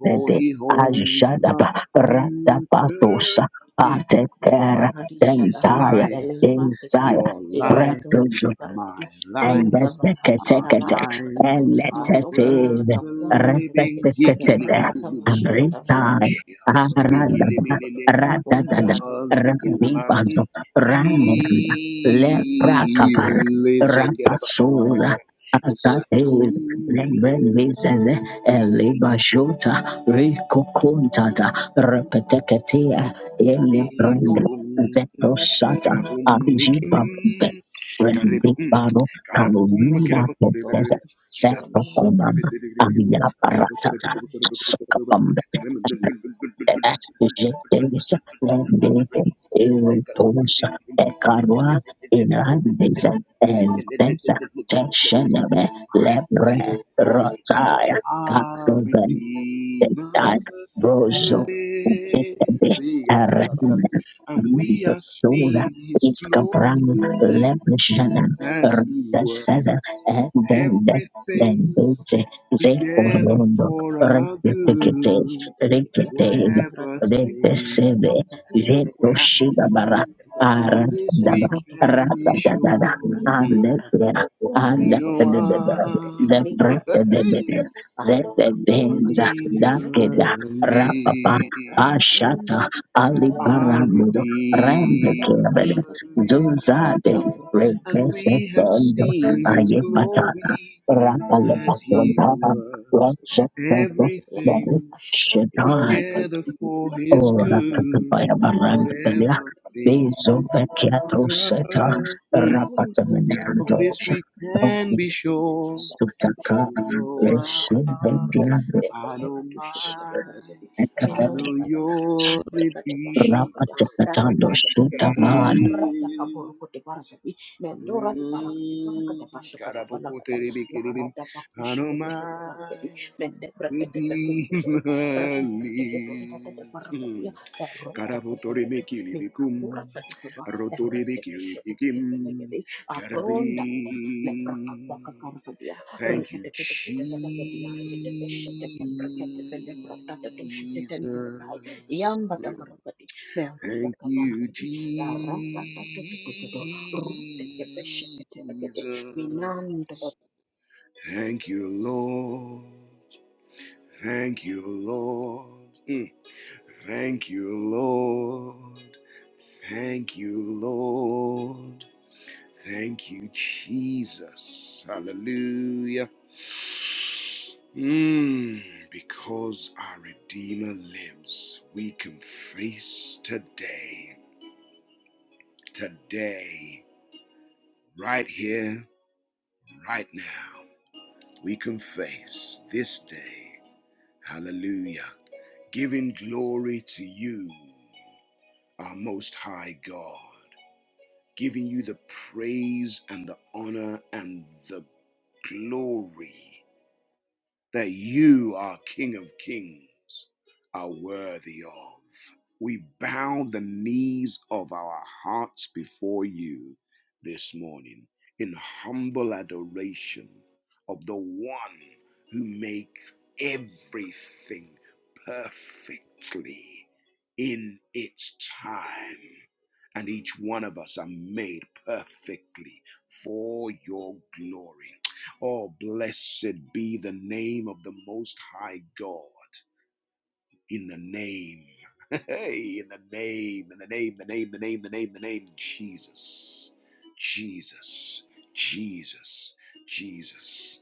For he holds my ajadaba future. radapatosa It patekera Obara di syada is tentaya life, beleng pratika Isaiah your ida life, kadung di lebar my di and life, min the da berhati our secretary salam da life. berhati and I mantu worth prakata letters the kapuan da berhati living. ke respected prakata and masya pada maratu retired mulai dari Aradada berkodo Ikelebelele oh Radadada mulai kazi Rami dari kelaman. Banzo Rananda Lepra Kapara Ile zekeraba. Rapasuza Akates Saturi Lembelisez Eliba Shota Rico Kuntata Repeteketia kare Elebrand dorum Zetosata karabum bekim Abijipapube karebum and karabukum Rina bekeraba berkodo torebere set ya of mama kelabusum mama command korebere and the kan kerabu si torebe Paratata kobe beli korebe kobe Sukapambe Jetes Lendete Erotosa Ekarwa Inandes korebe Ezbeza karem Teshenebe Redeemer, Lebre your Redeemer, Rotaya our Katsu Redeemer Dar Rojo lives. Detebe ah, Aran And we Manta are Sola seeing His glory Iskabran Leblishana as He Rita were Saza and then everything then Dete Ze Ya, together Orondo for sebagai our semacam Rekete good. kecil-kecil gitu ya. Reketes Dia Whatever merata sedang Rete mereka thing Sede kekasihkan that Jeto kudu berkecil Shigabara happened, sebagai kita of Aran this dan we Dada rotok can Rata be kemudian sure. Dada yang berarti Mm. Ande berarti turun di Ande We know bosnya beda luar gede The our ini merata beda Brete beda arah kaki makanya Zetebenza ada ada dakeda Redeemer bisa jadi rapapa lives. memberapa pun ashata Ekon di Our sini para alibarando putih harus rende Redeemer jaga kebede pasca kata mereka lives, zuzade and itu. we have regesesendo seen Tapi His ayepatata glory as kalau He rapalepatonda worked rosheteto donu everything shetai together for His ora good. katabaya baranda belia Whatever thing bezo vekiato seta occurs, mm, of rapatameneando this we can be sure. sutaka We know I, reshuvediando I know mine, I Ekabeti know your Redeemer Rapatando Shutavan. lives. Mendora di barakati Mm, barakati pasha kata balakata la karabokoterebikerebim. arada bakushi Ano kete pete barakati mai Mende brakete pekundele, Redeemer rande kete tonta kete lives. parakadia, Mm. erota kumbeleto, mikapura Karabikilibikum, kati kuba, erete peshete roibikiribikim, kete pelegedi, karabi. apronda kete, lepra kapra kakarakadia, Thank you, rikete kete kete pelekadia, rikete peshete kembrakete pelebra kate toshite tentele kai, Jesus. yamba Mm. tavarakadi, meruta Thank you, kavarakadi, erota tato tato tato, rute kepeshete telekede, minandolo. Jesus. Thank you, Lord. Thank you, Lord. Mm. Thank you, Lord. Thank you, Lord. Thank you, Jesus. Hallelujah. Mm, because our Redeemer lives, we can face today, today, right here, right now. We can face this day. Hallelujah. giving glory to you, our Most High God, giving you the praise and the honor and the glory that you are King of Kings are worthy of. We bow the knees of our hearts before you this morning in humble adoration of the one who makes everything perfectly in its time. And each one of us are made perfectly for your glory. Oh, blessed be the name of the Most High God. In the name, hey, in the name, in the name, the name, the name, the name, the name, Jesus, Jesus, Jesus, Jesus.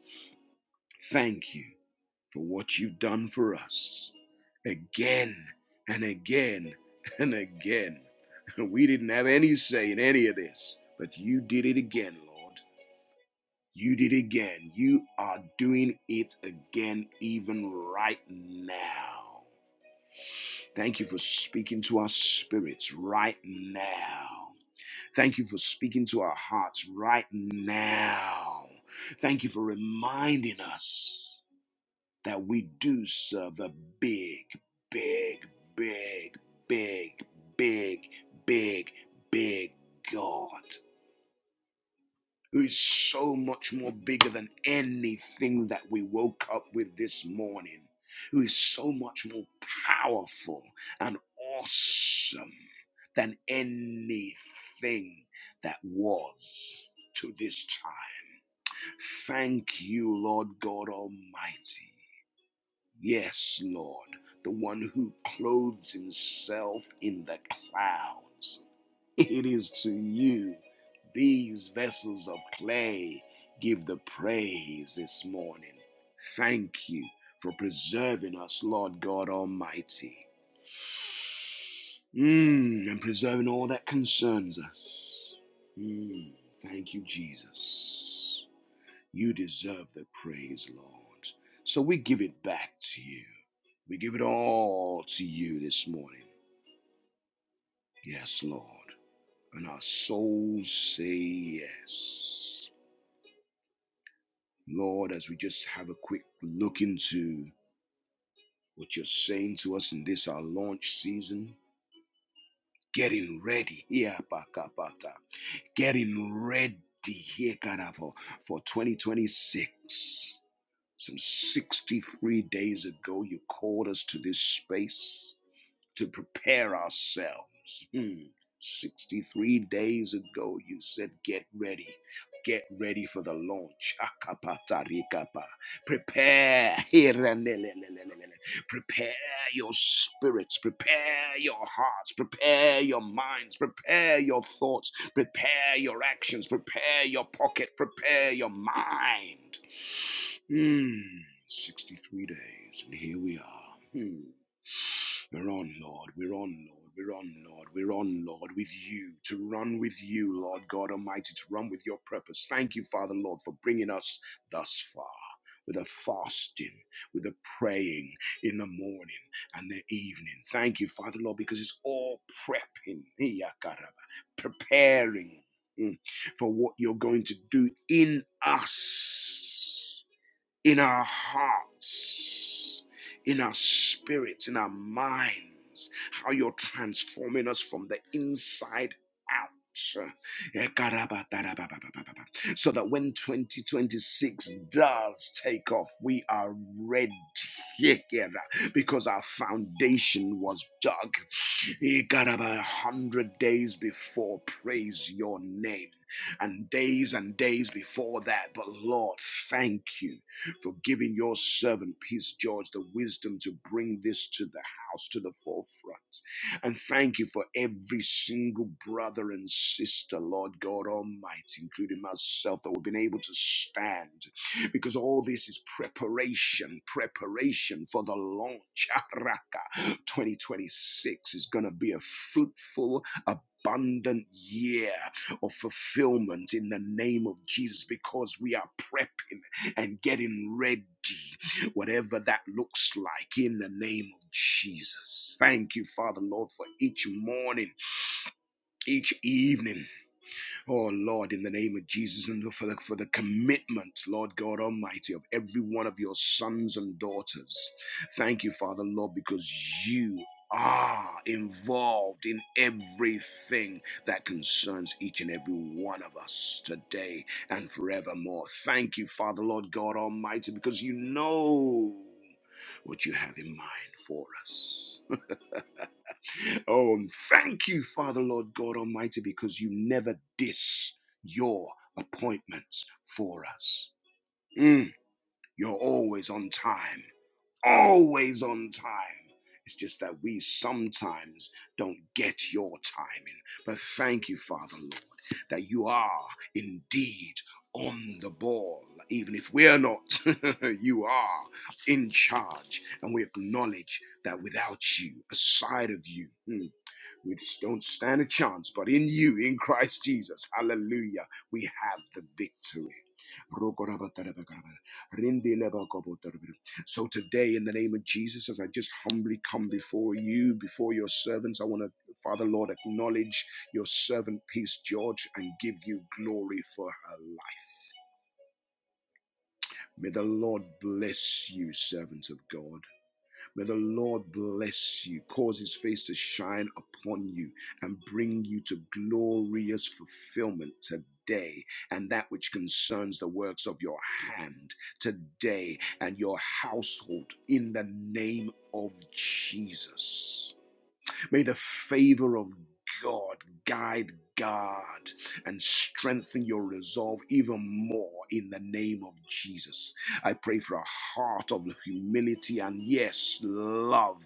Thank you for what you've done for us again and again and again. We didn't have any say in any of this, but you did it again, Lord. You did again. You are doing it again, even right now. Thank you for speaking to our spirits right now. Thank you for speaking to our hearts right now. Thank you for reminding us that we do serve a big, big, big, big, big, big, big God. who is so much more bigger than anything that we woke up with this morning, who is so much more powerful and awesome than anything that was to this time. Thank you, Lord God Almighty. Yes, Lord, the one who clothes himself in the clouds it is to you these vessels of clay give the praise this morning. Thank you for preserving us, Lord God Almighty, Mm, and preserving all that concerns us. Mm, thank you, Jesus. You deserve the praise, Lord. So we give it back to you. We give it all to you this morning. Yes, Lord and our souls say yes. Lord, as we just have a quick look into what you're saying to us in this our launch season, getting ready here, Pakapata, getting ready here, Karavo, for 2026. Some 63 days ago, you called us to this space to prepare ourselves. Hmm. 63 days ago, you said, Get ready. Get ready for the launch. Akapatarikapa. Prepare. Hiranelelelelele. Prepare your spirits. Prepare your hearts. Prepare your minds. Prepare your thoughts. Prepare your actions. Prepare your pocket. Prepare your mind. Hmm. 63 days, and here we are. Hmm. We're on, Lord. We're on, Lord. We're on, Lord. We're on, Lord, with you, to run with you, Lord God Almighty, to run with your purpose. Thank you, Father, Lord, for bringing us thus far with a fasting, with a praying in the morning and the evening. Thank you, Father, Lord, because it's all prepping, preparing mm, for what you're going to do in us in our hearts, in our spirits, in our minds, how you're transforming us from the inside out. So that when 2026 does take off, we are ready Yeah, yeah, yeah. because our foundation was dug. He got about a hundred days before. Praise your name. And days and days before that. But Lord, thank you for giving your servant, Peace George, the wisdom to bring this to the house, to the forefront. And thank you for every single brother and sister, Lord God Almighty, including myself, that we've been able to stand because all this is preparation, preparation for the launch. 2026 is going to be a fruitful, abundant year of fulfillment in the name of Jesus because we are prepping and getting ready, whatever that looks like, in the name of Jesus. Thank you, Father Lord, for each morning, each evening. Oh Lord, in the name of Jesus, and for the, for the commitment, Lord God Almighty, of every one of your sons and daughters. Thank you, Father, Lord, because you are involved in everything that concerns each and every one of us today and forevermore. Thank you, Father, Lord God Almighty, because you know what you have in mind for us. Oh, and thank you, Father, Lord God Almighty, because you never diss your appointments for us. Mm, you're always on time, always on time. It's just that we sometimes don't get your timing. But thank you, Father, Lord, that you are indeed on the ball. Even if we're not, you are in charge. And we acknowledge that without you, aside of you, mm, we just don't stand a chance, but in you, in Christ Jesus, hallelujah, we have the victory. So today, in the name of Jesus, as I just humbly come before you, before your servants, I want to, Father Lord, acknowledge your servant, Peace George, and give you glory for her life. May the Lord bless you, servant of God. May the Lord bless you, cause his face to shine upon you, and bring you to glorious fulfillment today and that which concerns the works of your hand today and your household in the name of Jesus. May the favor of God guide, guard, and strengthen your resolve even more in the name of Jesus. I pray for a heart of humility and, yes, love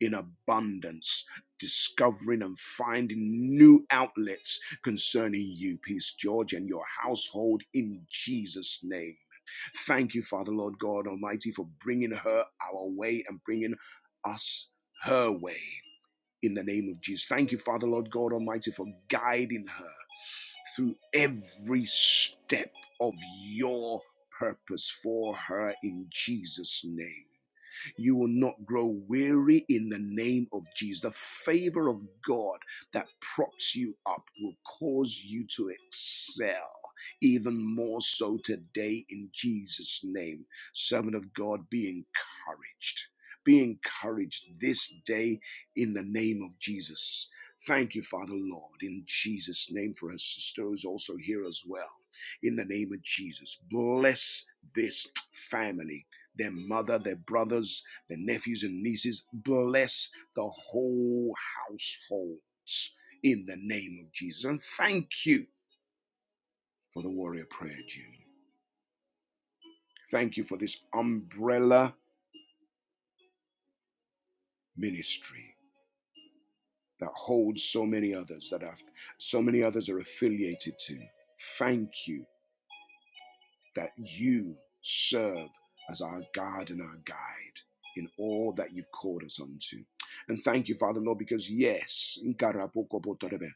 in abundance. Discovering and finding new outlets concerning you, Peace George, and your household in Jesus' name. Thank you, Father, Lord God Almighty, for bringing her our way and bringing us her way in the name of Jesus. Thank you, Father, Lord God Almighty, for guiding her through every step of your purpose for her in Jesus' name. You will not grow weary in the name of Jesus. The favor of God that props you up will cause you to excel even more so today in Jesus' name. Servant of God, be encouraged. Be encouraged this day in the name of Jesus. Thank you, Father Lord, in Jesus' name for her sister who's also here as well. In the name of Jesus, bless this family, their mother, their brothers, the nephews and nieces. Bless the whole households in the name of Jesus. And thank you for the warrior prayer, Jim. Thank you for this umbrella ministry that holds so many others that have, so many others are affiliated to. Thank you that you serve as our God and our guide in all that you've called us unto. And thank you, Father Lord, because yes, Ikarabokobotorebe,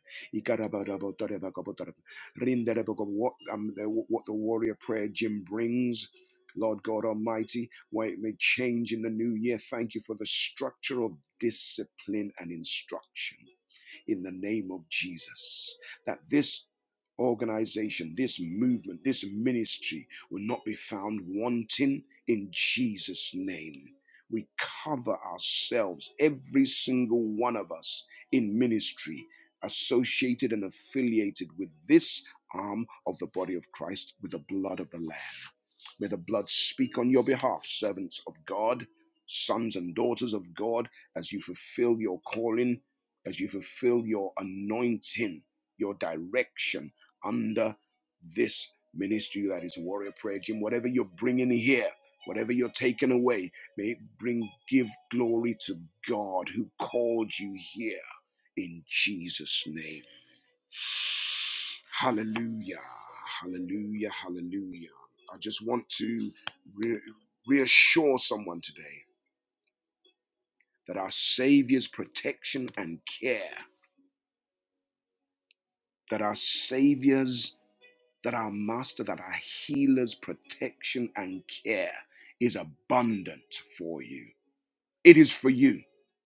what, um, the, what the warrior prayer Jim brings. Lord God Almighty, why it may change in the new year. Thank you for the structure of discipline and instruction in the name of Jesus. That this organization, this movement, this ministry will not be found wanting in Jesus' name. We cover ourselves, every single one of us in ministry, associated and affiliated with this arm of the body of Christ with the blood of the Lamb. May the blood speak on your behalf, servants of God, sons and daughters of God, as you fulfill your calling as you fulfill your anointing, your direction under this ministry that is Warrior Prayer Gym. Whatever you're bringing here, whatever you're taking away, may it bring, give glory to God who called you here in Jesus' name. Hallelujah, hallelujah, hallelujah. I just want to re- reassure someone today that our Savior's protection and care. that are saviors, that are master, that are healers, protection and care is abundant for you. It is for you.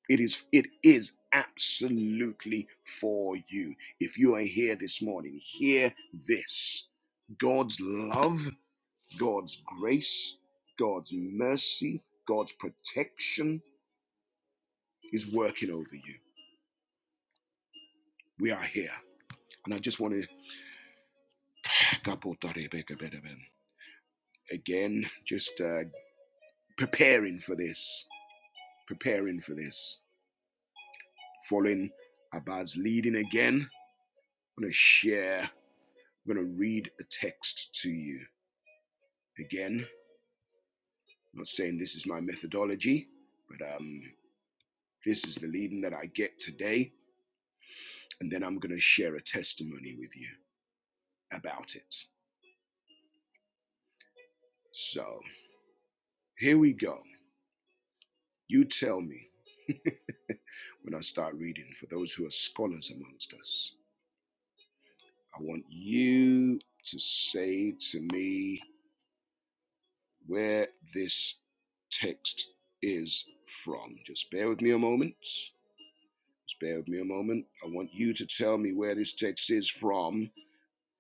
It is it is absolutely for you. If you are here this morning, hear this. God's love, God's grace, God's mercy, God's protection is working over you. We are here. And I just want to again, just uh, preparing for this, preparing for this. Following Abad's leading again, I'm going to share, I'm going to read a text to you. Again, I'm not saying this is my methodology, but um, this is the leading that I get today. And then I'm going to share a testimony with you about it. So here we go. You tell me when I start reading for those who are scholars amongst us. I want you to say to me where this text is from. Just bear with me a moment. Just bear with me a moment. I want you to tell me where this text is from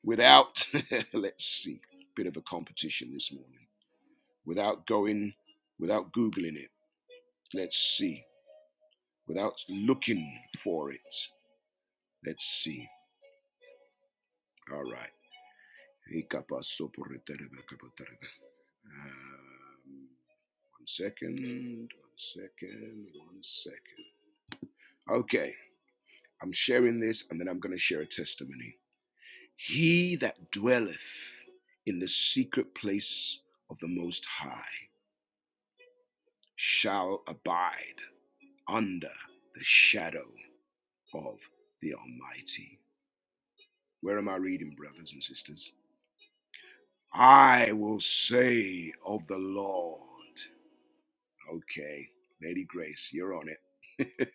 without, let's see, bit of a competition this morning, without going, without Googling it. Let's see, without looking for it. Let's see. All right. Um, one second, one second, one second. Okay, I'm sharing this and then I'm going to share a testimony. He that dwelleth in the secret place of the Most High shall abide under the shadow of the Almighty. Where am I reading, brothers and sisters? I will say of the Lord. Okay, Lady Grace, you're on it.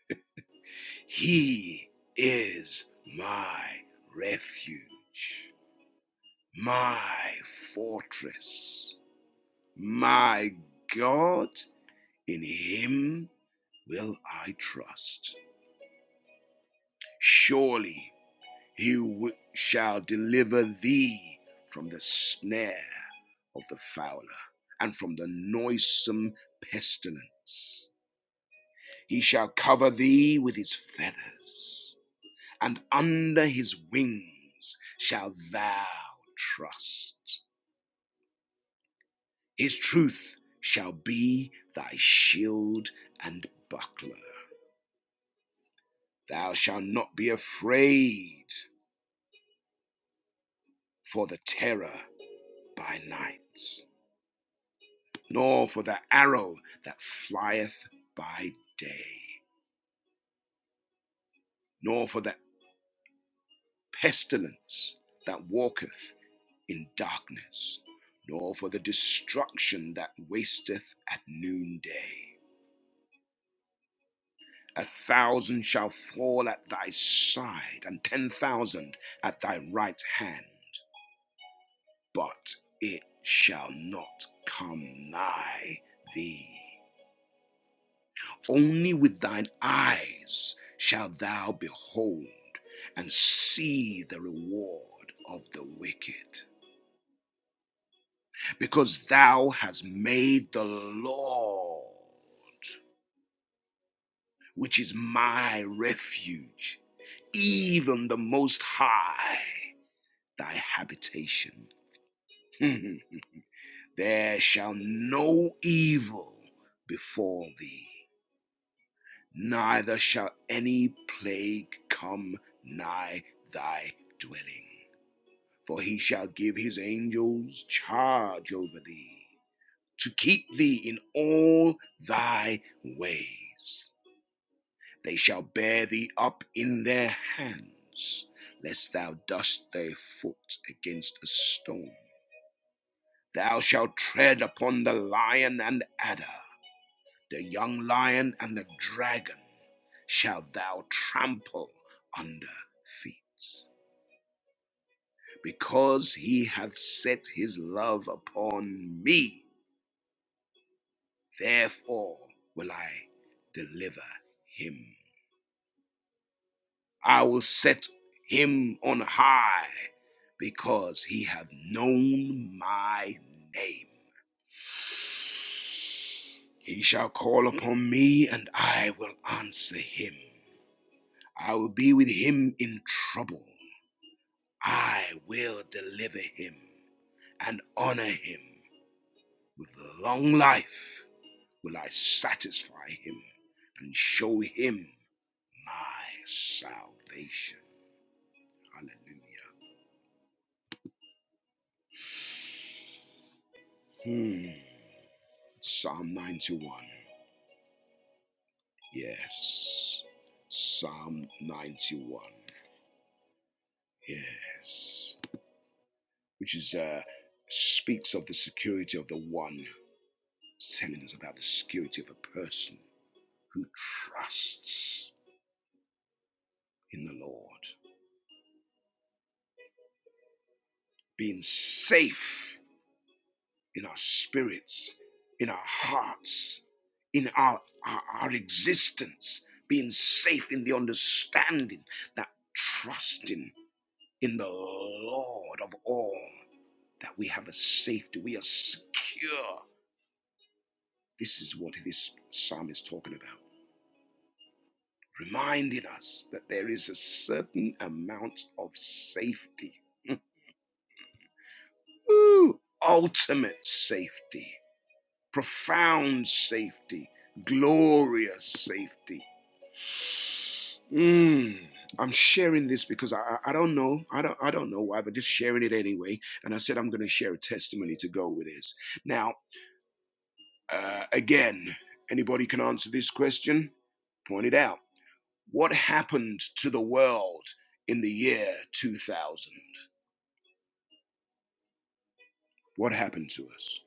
he is my refuge, my fortress My God, in him will I trust. Surely he wi- shall deliver thee from the snare of the fowler and from the noisome pestilence. He shall cover thee with his feathers, and under his wings shall thou trust. His truth shall be thy shield and buckler. Thou shalt not be afraid for the terror by night, nor for the arrow that flieth by day, nor for the pestilence that walketh in darkness, nor for the destruction that wasteth at noonday. A thousand shall fall at thy side, and ten thousand at thy right hand, but it shall not come nigh thee. Only with thine eyes shalt thou behold and see the reward of the wicked, because thou hast made the Lord, which is my refuge, even the Most High, thy habitation. there shall no evil befall thee, neither shall any plague come nigh thy dwelling. For he shall give his angels charge over thee, to keep thee in all thy ways. They shall bear thee up in their hands, lest thou dust thy foot against a stone. Thou shalt tread upon the lion and adder, the young lion and the dragon shalt thou trample under feet. Because he hath set his love upon me, Therefore will I deliver him. I will set him on high because he hath known my name. He shall call upon me, and I will answer him. I will be with him in trouble. I will deliver him and honor him. With long life will I satisfy him and show him my salvation. Hallelujah. Hmm. Psalm 91. Yes. Psalm 91. Yes. Which is uh speaks of the security of the one. It's telling us about the security of a person who trusts in the Lord. Being safe in our spirits, in our hearts, in our, our, our existence, being safe in the understanding that trusting in the Lord of all, that we have a safety, we are secure. This is what this psalm is talking about, reminding us that there is a certain amount of safety, ultimate safety profound safety, glorious safety. Mm, I'm sharing this because I, I don't know. I don't I don't know why, but just sharing it anyway. And I said I'm gonna share a testimony to go with this. Now, uh, again, anybody can answer this question, point it out. What happened to the world in the year 2000? What happened to us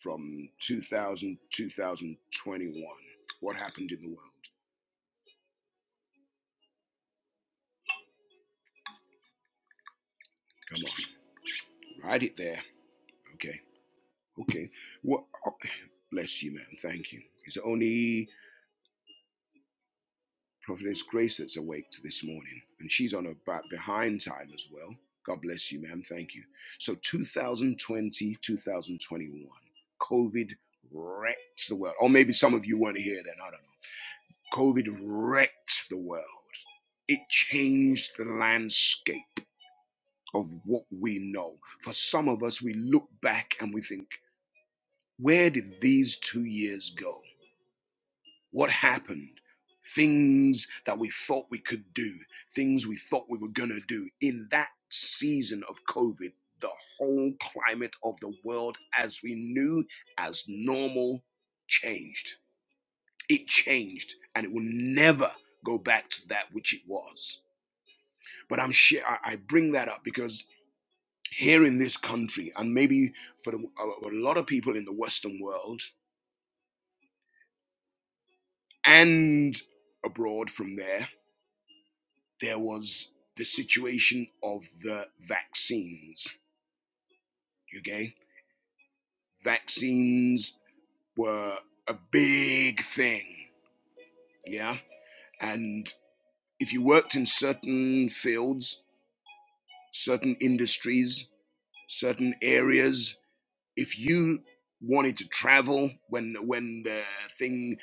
from 2000 to 2021? What happened in the world? Come on. Write it there. Okay. Okay. Well, oh, bless you, man. Thank you. It's only Prophetess Grace that's awake this morning, and she's on her back behind time as well. God bless you, ma'am. Thank you. So 2020, COVID wrecked the world. Or maybe some of you weren't here then. I don't know. COVID wrecked the world. It changed the landscape of what we know. For some of us, we look back and we think, Where did these two years go? What happened? Things that we thought we could do, things we thought we were going to do in that season of COVID, the whole climate of the world as we knew as normal changed. It changed and it will never go back to that which it was. But I'm sure I bring that up because here in this country, and maybe for a lot of people in the Western world, And abroad from there, there was the situation of the vaccines. Okay? Vaccines were a big thing. Yeah? And if you worked in certain fields, certain industries, certain areas, if you wanted to travel when when the thing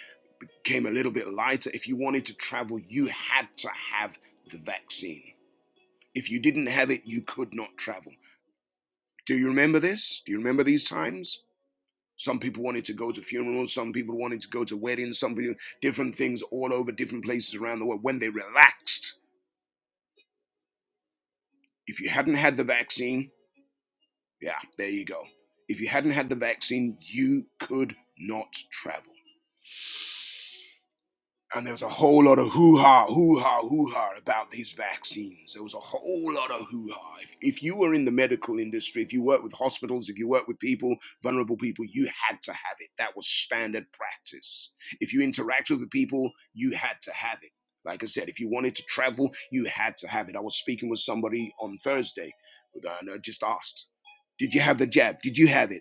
came a little bit lighter if you wanted to travel you had to have the vaccine If you didn't have it, you could not travel. Do you remember this? Do you remember these times? Some people wanted to go to funerals, some people wanted to go to weddings, some people, different things all over different places around the world when they relaxed. If you hadn't had the vaccine, yeah, there you go. If you hadn't had the vaccine, you could not travel. and there was a whole lot of hoo ha, hoo ha, hoo ha about these vaccines. There was a whole lot of hoo ha. If, if you were in the medical industry, if you worked with hospitals, if you worked with people, vulnerable people, you had to have it. That was standard practice. If you interacted with the people, you had to have it. Like I said, if you wanted to travel, you had to have it. I was speaking with somebody on Thursday, and I just asked, Did you have the jab? Did you have it?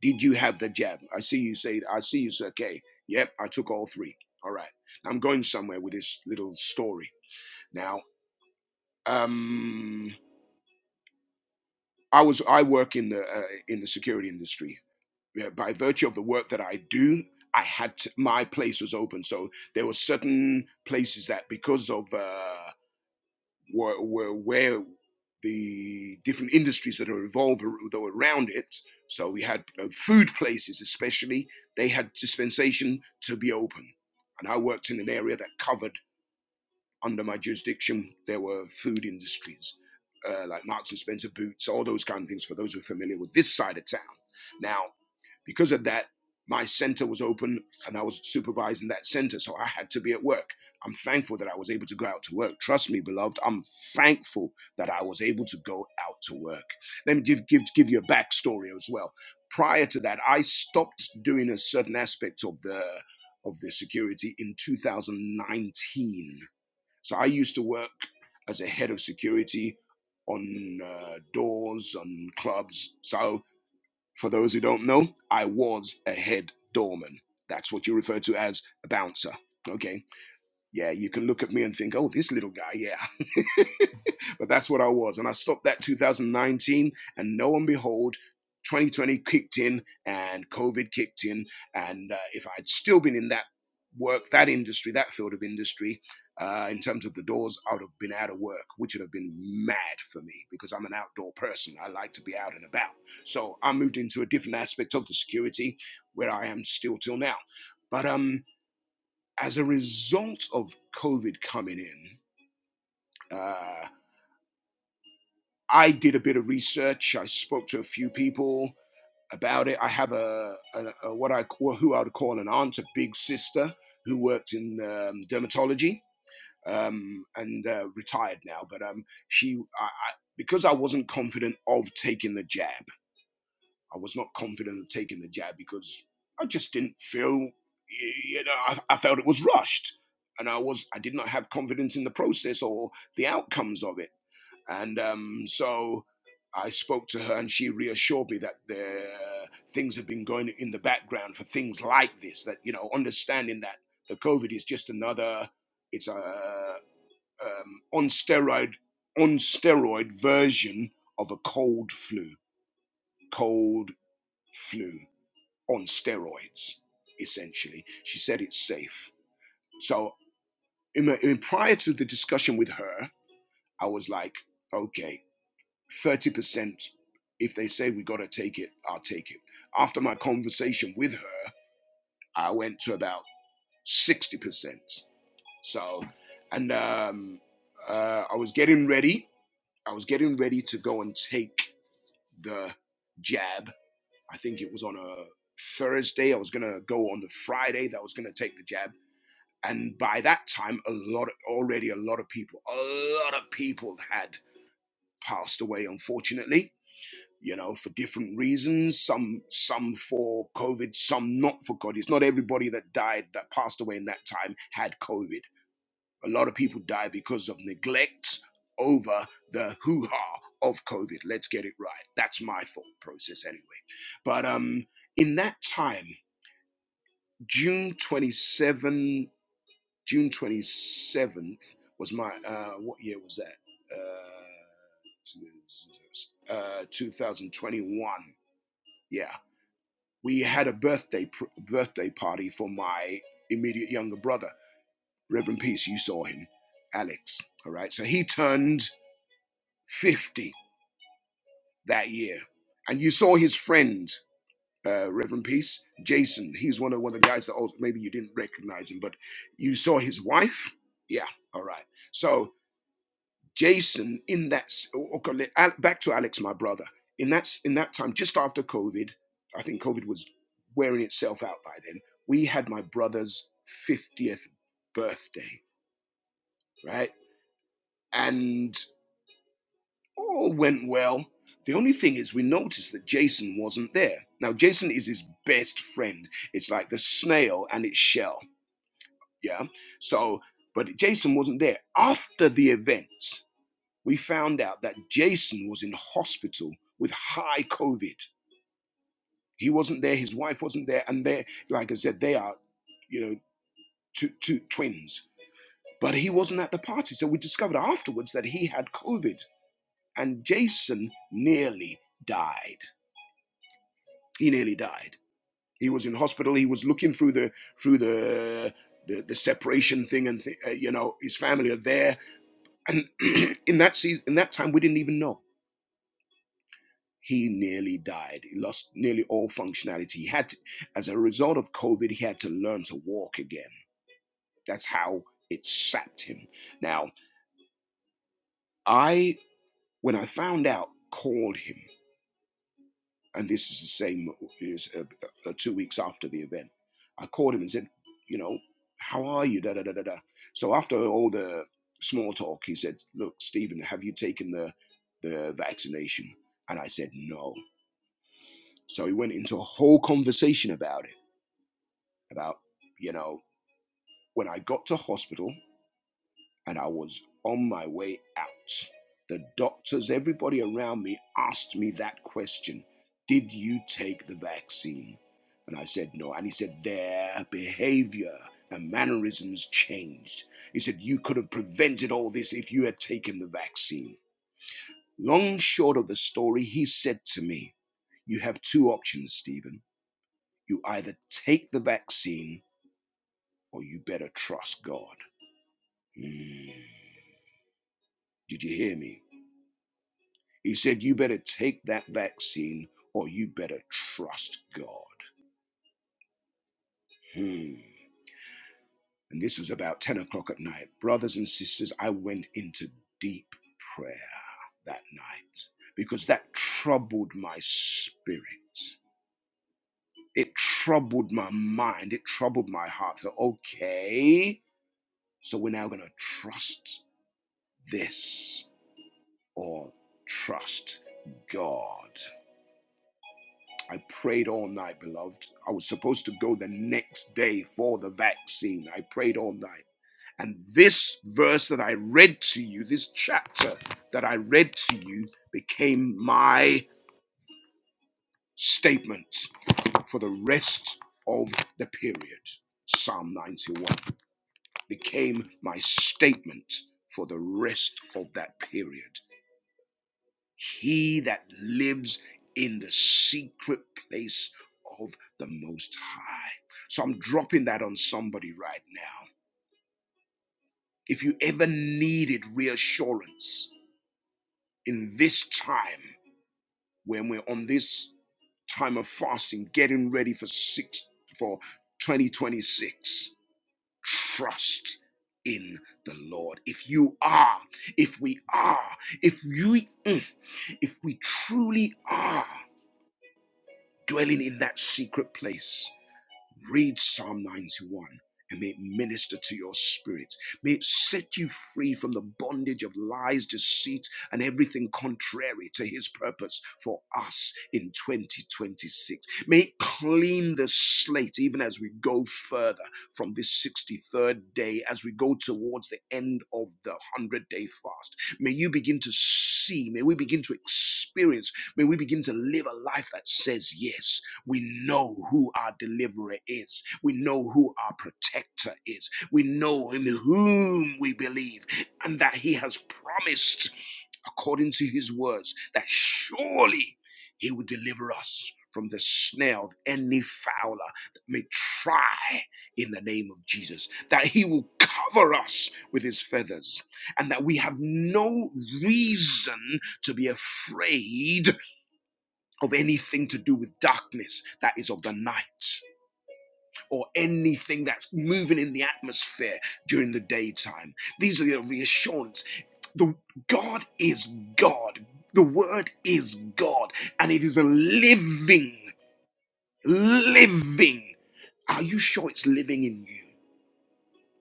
Did you have the jab? I see you say, I see you say, okay, yep, I took all three. All right. I'm going somewhere with this little story. Now, um, I was I work in the uh, in the security industry. Yeah, By virtue of the work that I do, I had to, my place was open. So there were certain places that because of uh, where, where, where the different industries that are involved that were around it. So we had you know, food places, especially they had dispensation to be open, and I worked in an area that covered under my jurisdiction, there were food industries uh, like Marks and Spencer boots, all those kind of things. For those who are familiar with this side of town, now because of that, my center was open and I was supervising that center, so I had to be at work. I'm thankful that I was able to go out to work. Trust me, beloved, I'm thankful that I was able to go out to work. Let me give, give, give you a backstory as well. Prior to that, I stopped doing a certain aspect of the of the security in 2019. So I used to work as a head of security on uh, doors, on clubs. So for those who don't know, I was a head doorman. That's what you refer to as a bouncer. Okay yeah, you can look at me and think, oh, this little guy, yeah. but that's what I was. And I stopped that 2019, and lo and behold, 2020 kicked in and COVID kicked in. And uh, if I'd still been in that work, that industry, that field of industry, uh, in terms of the doors, I would have been out of work, which would have been mad for me because I'm an outdoor person. I like to be out and about. So I moved into a different aspect of the security where I am still till now. But um, as a result of COVID coming in, uh, I did a bit of research. I spoke to a few people about it. I have a, a, a what I who I would call an aunt, a big sister, who worked in um, dermatology um, and uh, retired now. But um, she, I, I, because I wasn't confident of taking the jab, I was not confident of taking the jab because I just didn't feel, you know, I, I felt it was rushed, and I was I did not have confidence in the process or the outcomes of it, and um, so I spoke to her, and she reassured me that the uh, things have been going in the background for things like this. That you know, understanding that the COVID is just another, it's a um, on steroid on steroid version of a cold flu, cold flu on steroids, essentially. She said it's safe. So, in, in, prior to the discussion with her, I was like, okay, 30%, if they say we got to take it, I'll take it. After my conversation with her, I went to about 60%. So, and um, uh, I was getting ready. I was getting ready to go and take the jab. I think it was on a Thursday. I was going to go on the Friday that I was going to take the jab. And by that time, a lot of, already a lot of people, a lot of people had passed away, unfortunately. You know, for different reasons, some some for COVID, some not for COVID. It's not everybody that died that passed away in that time had COVID. A lot of people died because of neglect over the hoo-ha of COVID. Let's get it right. That's my thought process anyway. But um in that time, June 27, June 27th was my, uh, what year was that? Uh, uh, 2021. Yeah. We had a birthday pr- birthday party for my immediate younger brother, Reverend Peace. You saw him, Alex. All right. So he turned 50 that year. And you saw his friend, uh, Reverend Peace, Jason. He's one of, one of the guys that also, maybe you didn't recognize him, but you saw his wife. Yeah. All right. So Jason in that okay, back to Alex, my brother. In that in that time, just after COVID, I think COVID was wearing itself out by then. We had my brother's fiftieth birthday, right? And all went well. The only thing is, we noticed that Jason wasn't there. Now, Jason is his best friend. It's like the snail and its shell, yeah. So, but Jason wasn't there after the event we found out that Jason was in hospital with high COVID. He wasn't there, his wife wasn't there, and they, like I said, they are, you know, two, two twins. But he wasn't at the party, so we discovered afterwards that he had COVID, and Jason nearly died. He nearly died. He was in hospital. He was looking through the through the the, the separation thing, and th- uh, you know, his family are there. And in that season, in that time, we didn't even know he nearly died. He lost nearly all functionality. He had, to, as a result of COVID, he had to learn to walk again. That's how it sapped him. Now, I, when I found out, called him, and this is the same as uh, uh, two weeks after the event. I called him and said, you know, how are you? Da da da da da. So after all the small talk, he said, look, Stephen, have you taken the the vaccination? And I said no. So he went into a whole conversation about it about, you know, when I got to hospital and I was on my way out, the doctors, everybody around me asked me that question Did you take the vaccine? And I said, No. And he said, Their behavior and mannerisms changed. He said, You could have prevented all this if you had taken the vaccine. Long short of the story, he said to me, You have two options, Stephen. You either take the vaccine or you better trust God. Mm, Did you hear me? He said, You better take that vaccine or you better trust God. Hmm. And this was about 10 o'clock at night. Brothers and sisters, I went into deep prayer that night because that troubled my spirit. It troubled my mind. It troubled my heart. So, okay, so we're now going to trust this or trust God. I prayed all night, beloved. I was supposed to go the next day for the vaccine. I prayed all night. And this verse that I read to you, this chapter that I read to you, became my statement for the rest of the period. Psalm 91 became my statement for the rest of that period. He that lives in the secret place of the Most High. So I'm dropping that on somebody right now. If you ever needed reassurance in this time, when we're on this time of fasting, getting ready for six for 2026, trust in the Lord. If you are, if we are, if you, mm, if we truly are dwelling in that secret place. Read Psalm 91 and may it minister to your spirit. May it set you free from the bondage of lies, deceit, and everything contrary to his purpose for us in 2026. May it clean the slate even as we go further from this 63rd day, as we go towards the end of the 100 day fast. May you begin to see, may we begin to experience, may we begin to live a life that says yes we know who our deliverer is. We know who our protector is. We know in whom we believe and that he has promised, according to his words, that surely he will deliver us from the snare of any fowler that may try in the name of Jesus, that he will cover us with his feathers, and that we have no reason to be afraid of anything to do with darkness that is of the night or anything that's moving in the atmosphere during the daytime. These are the reassurance. The God is God. The word is God and it is a living living. Are you sure it's living in you?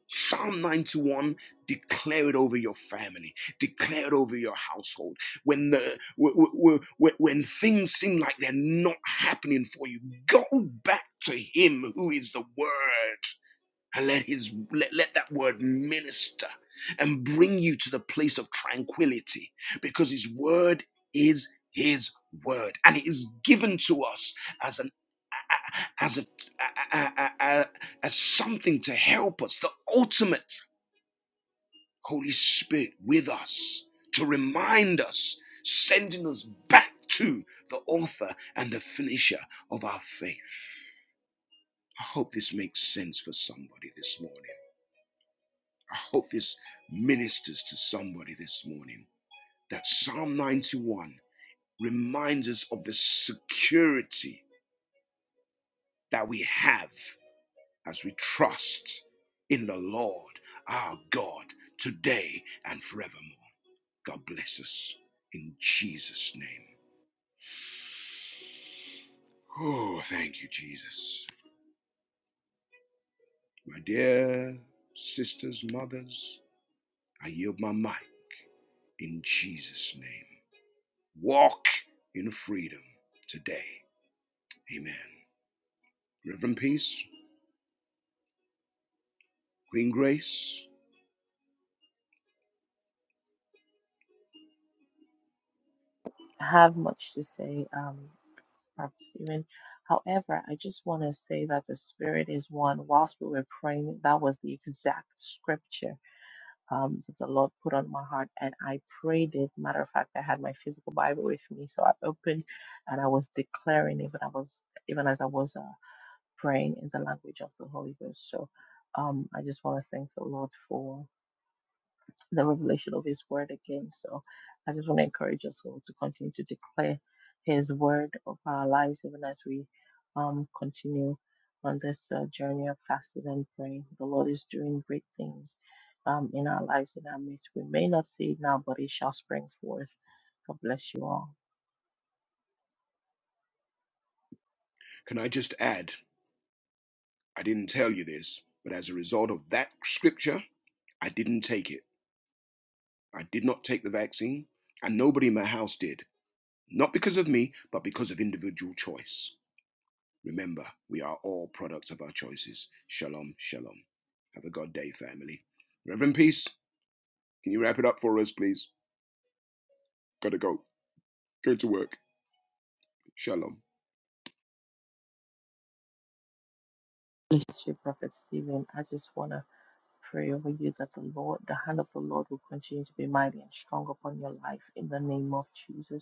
Psalm 91, declare it over your family, declare it over your household. When the when, when, when things seem like they're not happening for you, go back to him who is the word and let his let, let that word minister and bring you to the place of tranquility because his word is his word and it is given to us as an as a, a, a, a, a as something to help us the ultimate Holy Spirit with us to remind us, sending us back to the author and the finisher of our faith. I hope this makes sense for somebody this morning. I hope this ministers to somebody this morning that Psalm 91 reminds us of the security that we have as we trust in the Lord our God today and forevermore. God bless us in Jesus' name. Oh, thank you, Jesus. My dear sisters, mothers, I yield my mic in Jesus' name. Walk in freedom today. Amen. Reverend Peace, Queen Grace, I have much to say. Um, Prophet Stephen. However, I just want to say that the Spirit is one. Whilst we were praying, that was the exact scripture um, that the Lord put on my heart, and I prayed it. Matter of fact, I had my physical Bible with me, so I opened and I was declaring even I was even as I was uh, praying in the language of the Holy Ghost. So um, I just want to thank the Lord for the revelation of His word again. So I just want to encourage us all to continue to declare His word of our lives, even as we um, continue on this uh, journey of fasting and praying. The Lord is doing great things um, in our lives, in our midst. We may not see it now, but it shall spring forth. God bless you all. can I just add? I didn't tell you this, but as a result of that scripture, I didn't take it. I did not take the vaccine, and nobody in my house did. Not because of me, but because of individual choice. Remember, we are all products of our choices. Shalom, shalom. Have a God day, family. Reverend Peace, can you wrap it up for us, please? Gotta go. Go to work. Shalom. Bless you, Prophet Stephen. I just want to pray over you that the Lord, the hand of the Lord will continue to be mighty and strong upon your life in the name of Jesus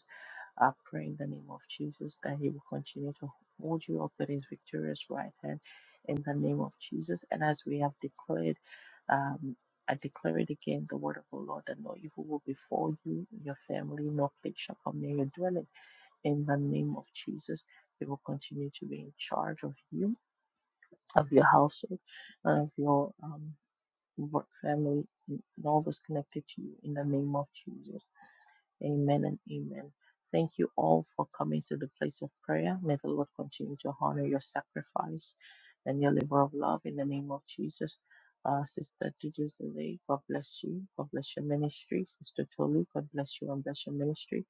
I pray in the name of Jesus that He will continue to hold you up with His victorious right hand in the name of Jesus. And as we have declared, um, I declare it again the word of the Lord that no evil will befall you, your family, no plague shall come near your dwelling. In the name of Jesus, He will continue to be in charge of you, of your household, and of your um, work family, and all that's connected to you in the name of Jesus. Amen and amen. Thank you all for coming to the place of prayer. May the Lord continue to honor your sacrifice and your labor of love in the name of Jesus. Uh, Sister Tijuzile, God bless you. God bless your ministry. Sister Tolu, God bless you and bless your ministry.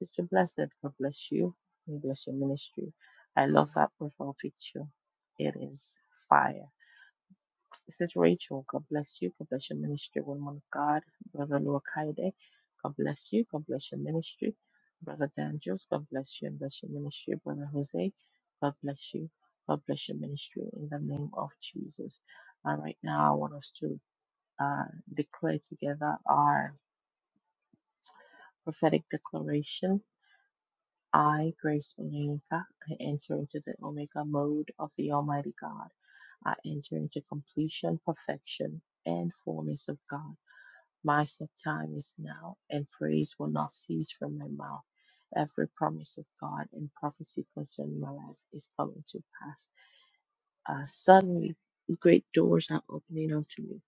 Sister Blessed, God bless you and bless your ministry. I love that profile picture. It is fire. This is Rachel. God bless you. God bless your ministry, woman of God. Brother Luakaide. God bless you. God bless your ministry. Brother Daniels. God bless you and bless your ministry. Brother Jose. God bless you. God bless your ministry in the name of Jesus. And right now, I want us to uh, declare together our prophetic declaration. I, Grace Olenka, I enter into the Omega mode of the Almighty God. I enter into completion, perfection, and fullness of God. My set time is now, and praise will not cease from my mouth. Every promise of God and prophecy concerning my life is coming to pass. Uh, suddenly, great doors are opening unto me.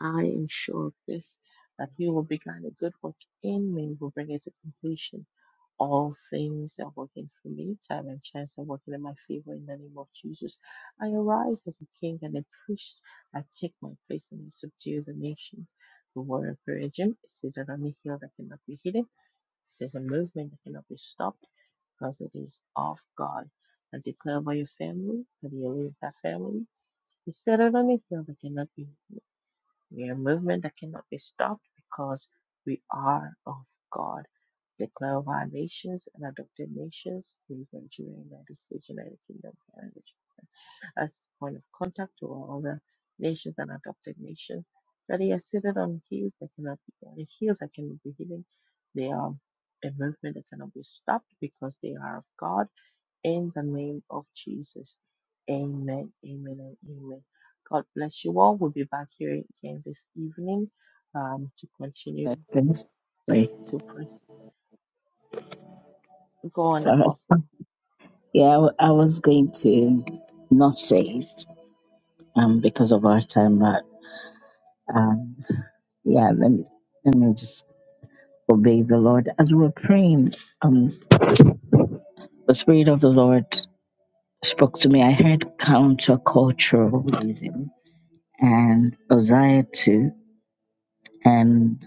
I am sure of this, that he will begin a good work in me, will bring it to completion. All things are working for me. Time and chance are working in my favor in the name of Jesus. I arise as a king and a priest. I take my place and I subdue the nation. The word of prayer, Jim, it says that on a hill that cannot be hidden. It says a movement that cannot be stopped because it is of God. I declare by your family, that you live that family. It said that on a hill that cannot be we are movement that cannot be stopped because we are of God. Declare of our nations and adopted nations, please Nigeria, United States, United Kingdom, Canada, Japan, as point of contact to all other nations and adopted nations. That they are seated on hills that cannot be on hills that cannot be hidden. They are a movement that cannot be stopped because they are of God in the name of Jesus. Amen, amen, and amen. God bless you all. We'll be back here again this evening um, to continue But to press. Go on, So, Apostle. yeah, I, wa- I was going to not say it um, because of our time, but um, yeah, let me, let me just obey the Lord. As we were praying, um, the Spirit of the Lord spoke to me. I heard counterculturalism and Uzziah too, and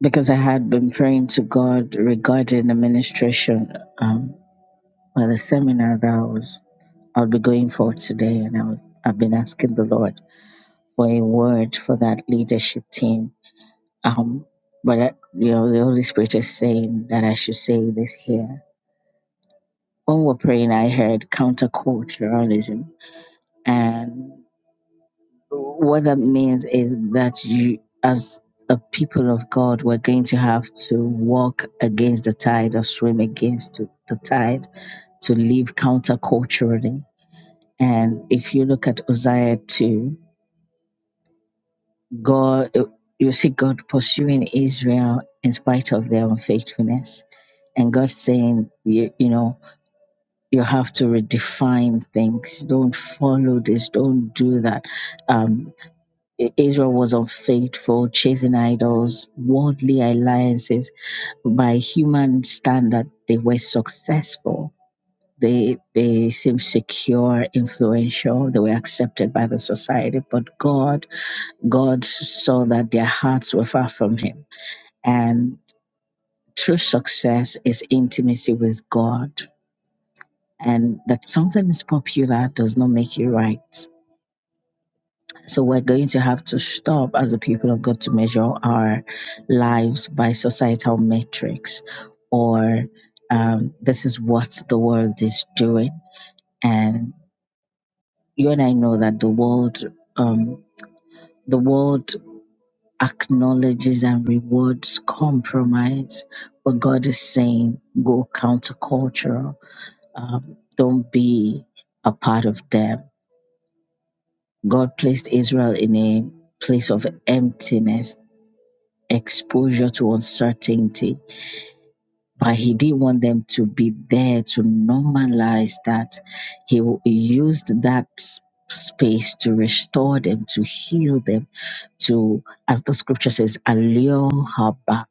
because I had been praying to God regarding administration, Well, the seminar that I was, I'll be going for today, and I was, I've been asking the Lord for a word for that leadership team. Um, but I, you know, the Holy Spirit is saying that I should say this here. When we're praying, I heard counterculturalism, and what that means is that you, as a people of God, we're going to have to walk against the tide or swim against the the tide to live counterculturally And if you look at Uzziah 2, God, you see God pursuing Israel in spite of their unfaithfulness. And God saying, you, you know, you have to redefine things. Don't follow this. Don't do that. Um, I- Israel was unfaithful, chasing idols, worldly alliances. By human standard, they were successful. They they seemed secure, influential. They were accepted by the society. But God God saw that their hearts were far from Him. And true success is intimacy with God. And that something is popular does not make it right. So we're going to have to stop as the people of God to measure our lives by societal metrics or um, this is what the world is doing. And you and I know that the world, um, the world acknowledges and rewards compromise, but God is saying, go countercultural. Um, don't be a part of them. God placed Israel in a place of emptiness, exposure to uncertainty, but He didn't want them to be there to normalize that. He w- he used that s- space to restore them, to heal them, to, as the scripture says, allure her back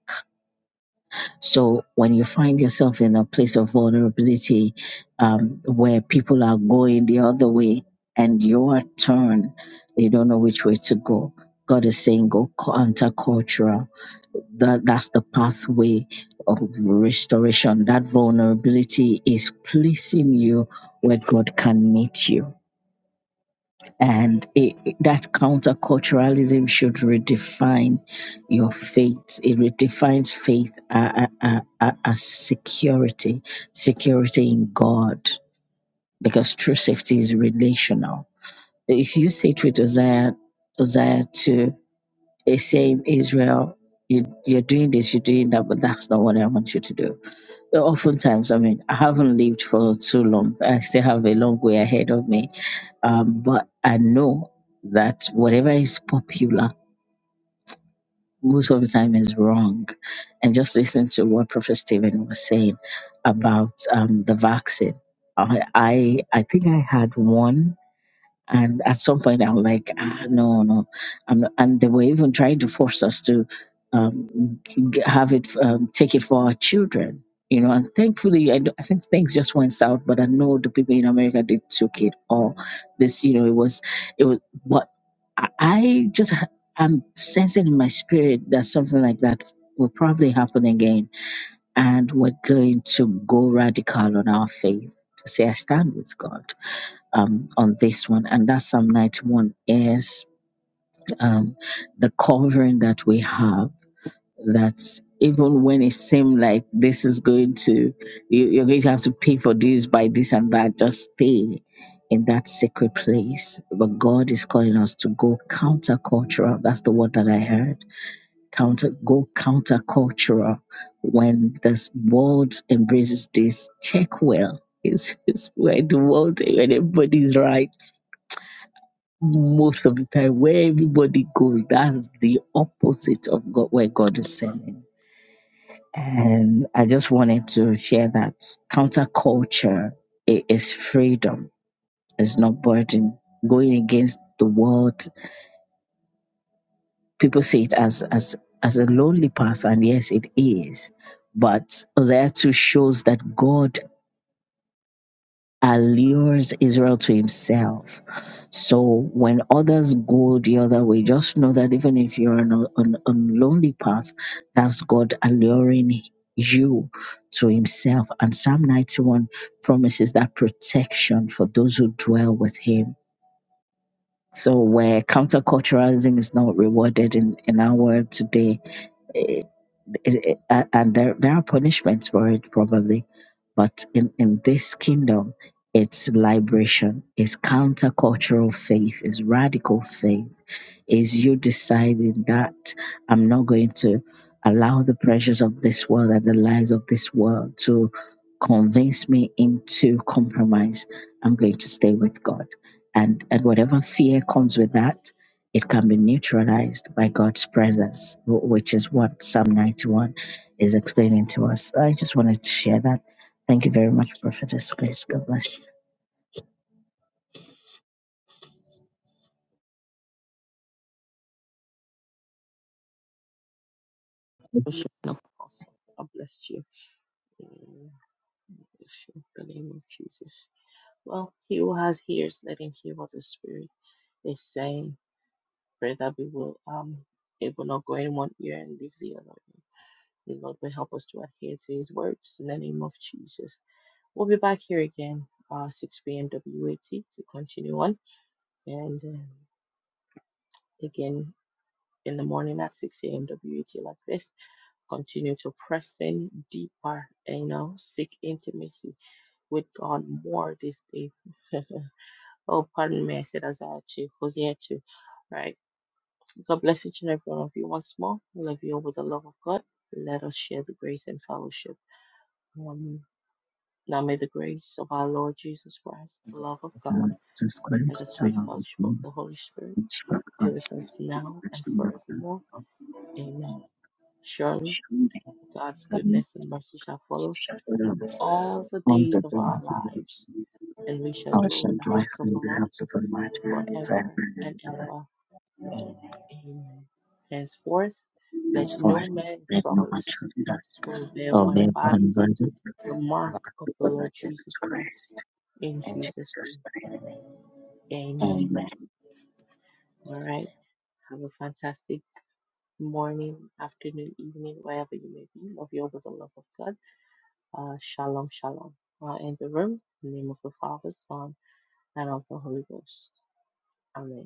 So when you find yourself in a place of vulnerability um, where people are going the other way and your turn, you don't know which way to go. God is saying go countercultural. That that's the pathway of restoration. That vulnerability is placing you where God can meet you and it, it- that counterculturalism should redefine your faith. It redefines faith uh, uh, uh, uh, as security, security in God, because true safety is relational. If you say to it, Uzziah, Uzziah to a saying Israel, you, you're doing this, you're doing that, but that's not what I want you to do. Oftentimes, I mean, I haven't lived for too long. I still have a long way ahead of me um, but I know that whatever is popular most of the time is wrong. And just listen to what Professor Stephen was saying about um, the vaccine. I, I I think I had one and at some point, I'm like, ah, no, no, I'm not. And they were even trying to force us to um, g- have it, um, take it for our children, you know. And thankfully, I, d- I think things just went south. But I know the people in America they took it all. This, you know, it was, it was. But I I just, ha- I'm sensing in my spirit that something like that will probably happen again, and we're going to go radical on our faith to say, I stand with God um, on this one, and that Psalm 91 is um, the covering that we have. That even when it seemed like this is going to, you, you're going to have to pay for this by this and that, just stay in that sacred place. But God is calling us to go countercultural. That's the word that I heard. Counter, go countercultural. When this world embraces this, check well. It's, it's where the world, when everybody's right most of the time where everybody goes that's the opposite of god where god is sending and i just wanted to share that counterculture i- is freedom it's not burden going against the world people see it as as as a lonely path and yes it is but Hosea 2 shows that God allures Israel to himself. So when others go the other way, just know that even if you're on a on, on lonely path, that's God alluring you to himself. And Psalm 91 promises that protection for those who dwell with him. So where counterculturalism is not rewarded in, in our world today, eh, it, it- a- and there, there are punishments for it probably but in, in this kingdom it's liberation it's countercultural faith it's radical faith is you deciding that I'm not going to allow the pressures of this world and the lies of this world to convince me into compromise. I'm going to stay with God. And and whatever fear comes with that, it can be neutralized by God's presence, wh- which is what Psalm 91 is explaining to us. I just wanted to share that. Thank you very much, Prophetess Grace. God bless you. Worship an Apostle. God bless you. Amen. Bless you In the name of Jesus. Well, he who has ears, let him hear what the Spirit is saying. Pray that we will um it will not go in one ear and leave the other. The Lord will help us to adhere to His words in the name of Jesus. We'll be back here again, uh, 6 p.m. WAT to continue on. And um, again, in the morning at 6 a.m. WAT, like this, continue to press in deeper, and you know, seek intimacy with God more this day. oh, pardon me, I said Isaiah 2, Hosea 2. Right. God bless each and every one of you once more. We love you all with the love of God. Let us share the grace and fellowship. Um, now may the grace of our Lord Jesus Christ, the love of God Lord Jesus and Christ, the the sweet Lord of fellowship the of Lord, the Holy Spirit and Spirit of be God, with has been us now and blessing us. forevermore. Amen. Surely Shambhayakarni God's goodness and mercy shall follow us Shastras the all the days of a our traditional lives, and we shall dwell in ocean the dwelling house of in the the Lord house of a mighty forever and Vaibhav ever. Amen. Henceforth, and let for no man Let no trouble one us, should us. for we bear for upon we our were bodies converted to the the mark of the Lord Lord Jesus Christ. Christ In and Jesus' Jesus name, Christ. amen. Amen. All right. Have a fantastic morning, afternoon, evening, wherever you may be. Love you all with the love of God. Uh, shalom, shalom. Uh, in the room, in the name of the Father, Son, and of the Holy Ghost. Amen.